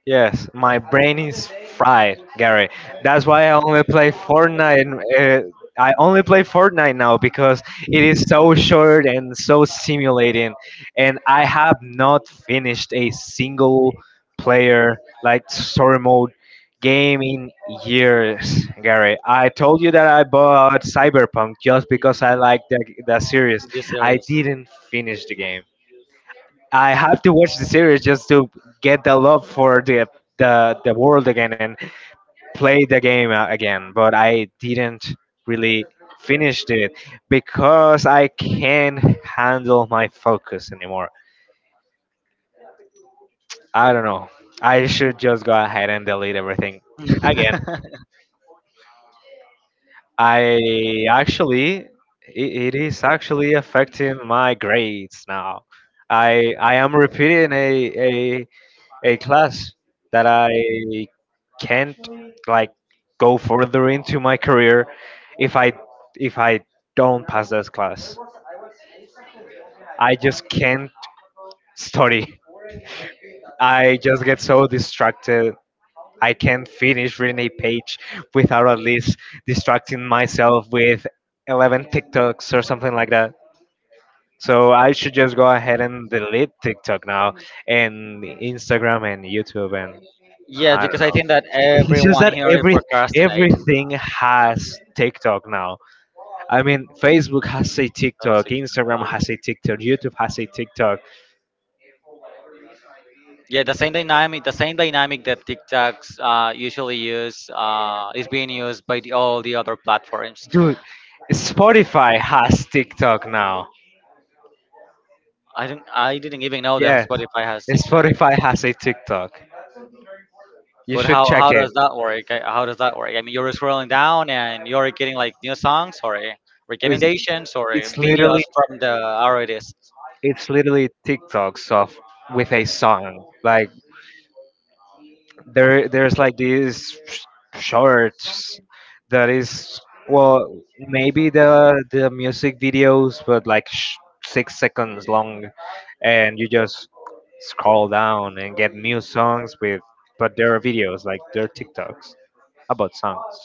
yes, my brain is fried, Gary. That's why I only play Fortnite. Uh, I only play Fortnite now because it is so short and so stimulating, and I have not finished a single player like story mode game in years. Gary, I told you that I bought Cyberpunk just because I like that that series.
You
I
serious?
didn't finish the game. I have to watch the series just to get the love for the the, the world again, and play the game a- again, but I didn't really finish it because I can't handle my focus anymore. I don't know. I should just go ahead and delete everything again. I actually, i- it is actually affecting my grades now. I I am repeating a a class that I can't like go further into my career if I if I don't pass this class. I just can't study. I just get so distracted. I can't finish reading a page without at least distracting myself with eleven TikToks or something like that. So I should just go ahead and delete TikTok now, and Instagram and YouTube and
Yeah,
I
because
don't
I
know.
think that
It's just
everyone
that
here is
every
procrastinate.
everything has TikTok now. I mean, Facebook has a
Uh,
TikTok,
six,
Instagram
um,
has a TikTok, YouTube has a TikTok.
Yeah, the same dynamic, the same dynamic that TikToks uh, usually use uh, is being used by the, all the other platforms.
Dude, Spotify has TikTok now.
I didn't, I didn't even know that
Yes,
Spotify has TikTok.
Spotify has a TikTok. You
But
should
how
check
how
it.
does that work? I- How does that work? I mean, you're scrolling down and you're getting like new songs, or eh,
It's
recommendations, or eh,
it's literally
videos from the artists.
it's literally TikToks of with a song. Like there there's like these sh- shorts that is well maybe the the music videos but like sh- six seconds long and you just scroll down and get new songs with but there are videos like there are tiktoks about songs.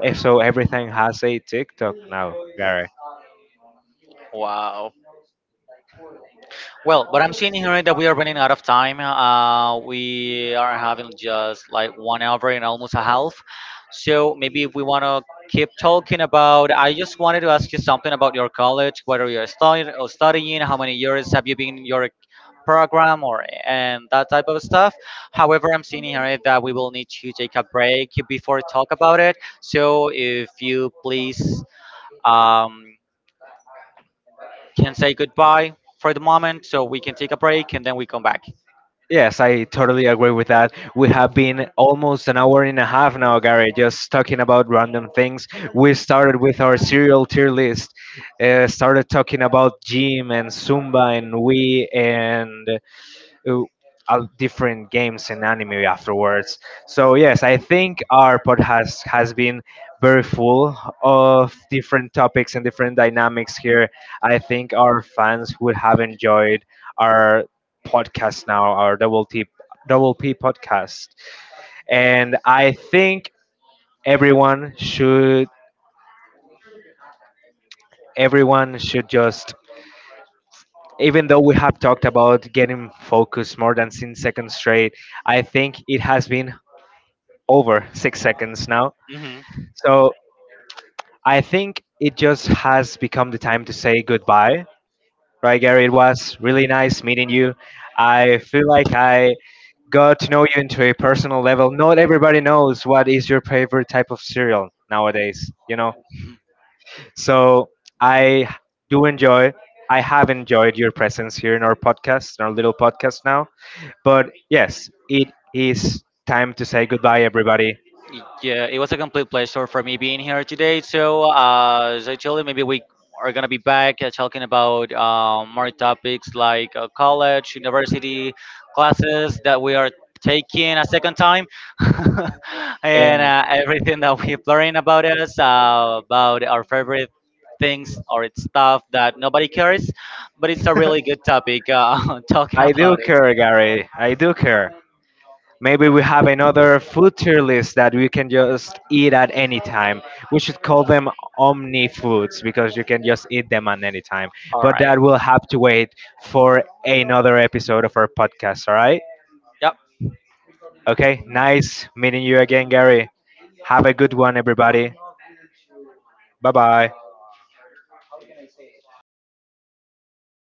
Eh, so everything has a tiktok now, Gary.
Wow. Well, but I'm seeing here that we are running out of time. Uh, we are having just like one hour and almost a half. So maybe if we want to keep talking about, I just wanted to ask you something about your college, whether you're studying or studying, how many years have you been in your program or and that type of stuff. However, I'm seeing here that we will need to take a break before talk about it. So if you please um, can say goodbye for the moment, so we can take a break and then we come back.
Yes, I totally agree with that. We have been almost an hour and a half now, Gary, just talking about random things. We started with our serial tier list, uh, started talking about gym and Zumba and Wii and uh, al- different games and anime afterwards. So yes, I think our pod has has been very full of different topics and different dynamics here. I think our fans would have enjoyed our podcast now, our double T double P podcast, and I think everyone should everyone should just even though we have talked about getting focused more than ten seconds straight, I think it has been over six seconds now.
Mhm.
So I think it just has become the time to say goodbye. Right, Gary? It was really nice meeting you. I feel like I got to know you into a personal level. Not everybody knows what is your favorite type of cereal nowadays, you know? So I do enjoy, I have enjoyed your presence here in our podcast, in our little podcast now. But yes, it is time to say goodbye, everybody.
Yeah, it was a complete pleasure for me being here today. So, uh, as I told you, maybe we are gonna be back uh, talking about um, more topics like uh, college, university classes that we are taking a second time, and
And
uh, everything that we're learning about us, uh, about our favorite things or it's stuff that nobody cares, but it's a really good topic uh, talking
I do
about it.
care, Gary. I do care. Maybe we have another food tier list that we can just eat at any time. We should call them omni foods because you can just eat them at any time.
All
But
right.
that will have to wait for another episode of our podcast, all right?
Yeah.
Okay, nice meeting you again, Gary. Have a good one, everybody. Bye bye.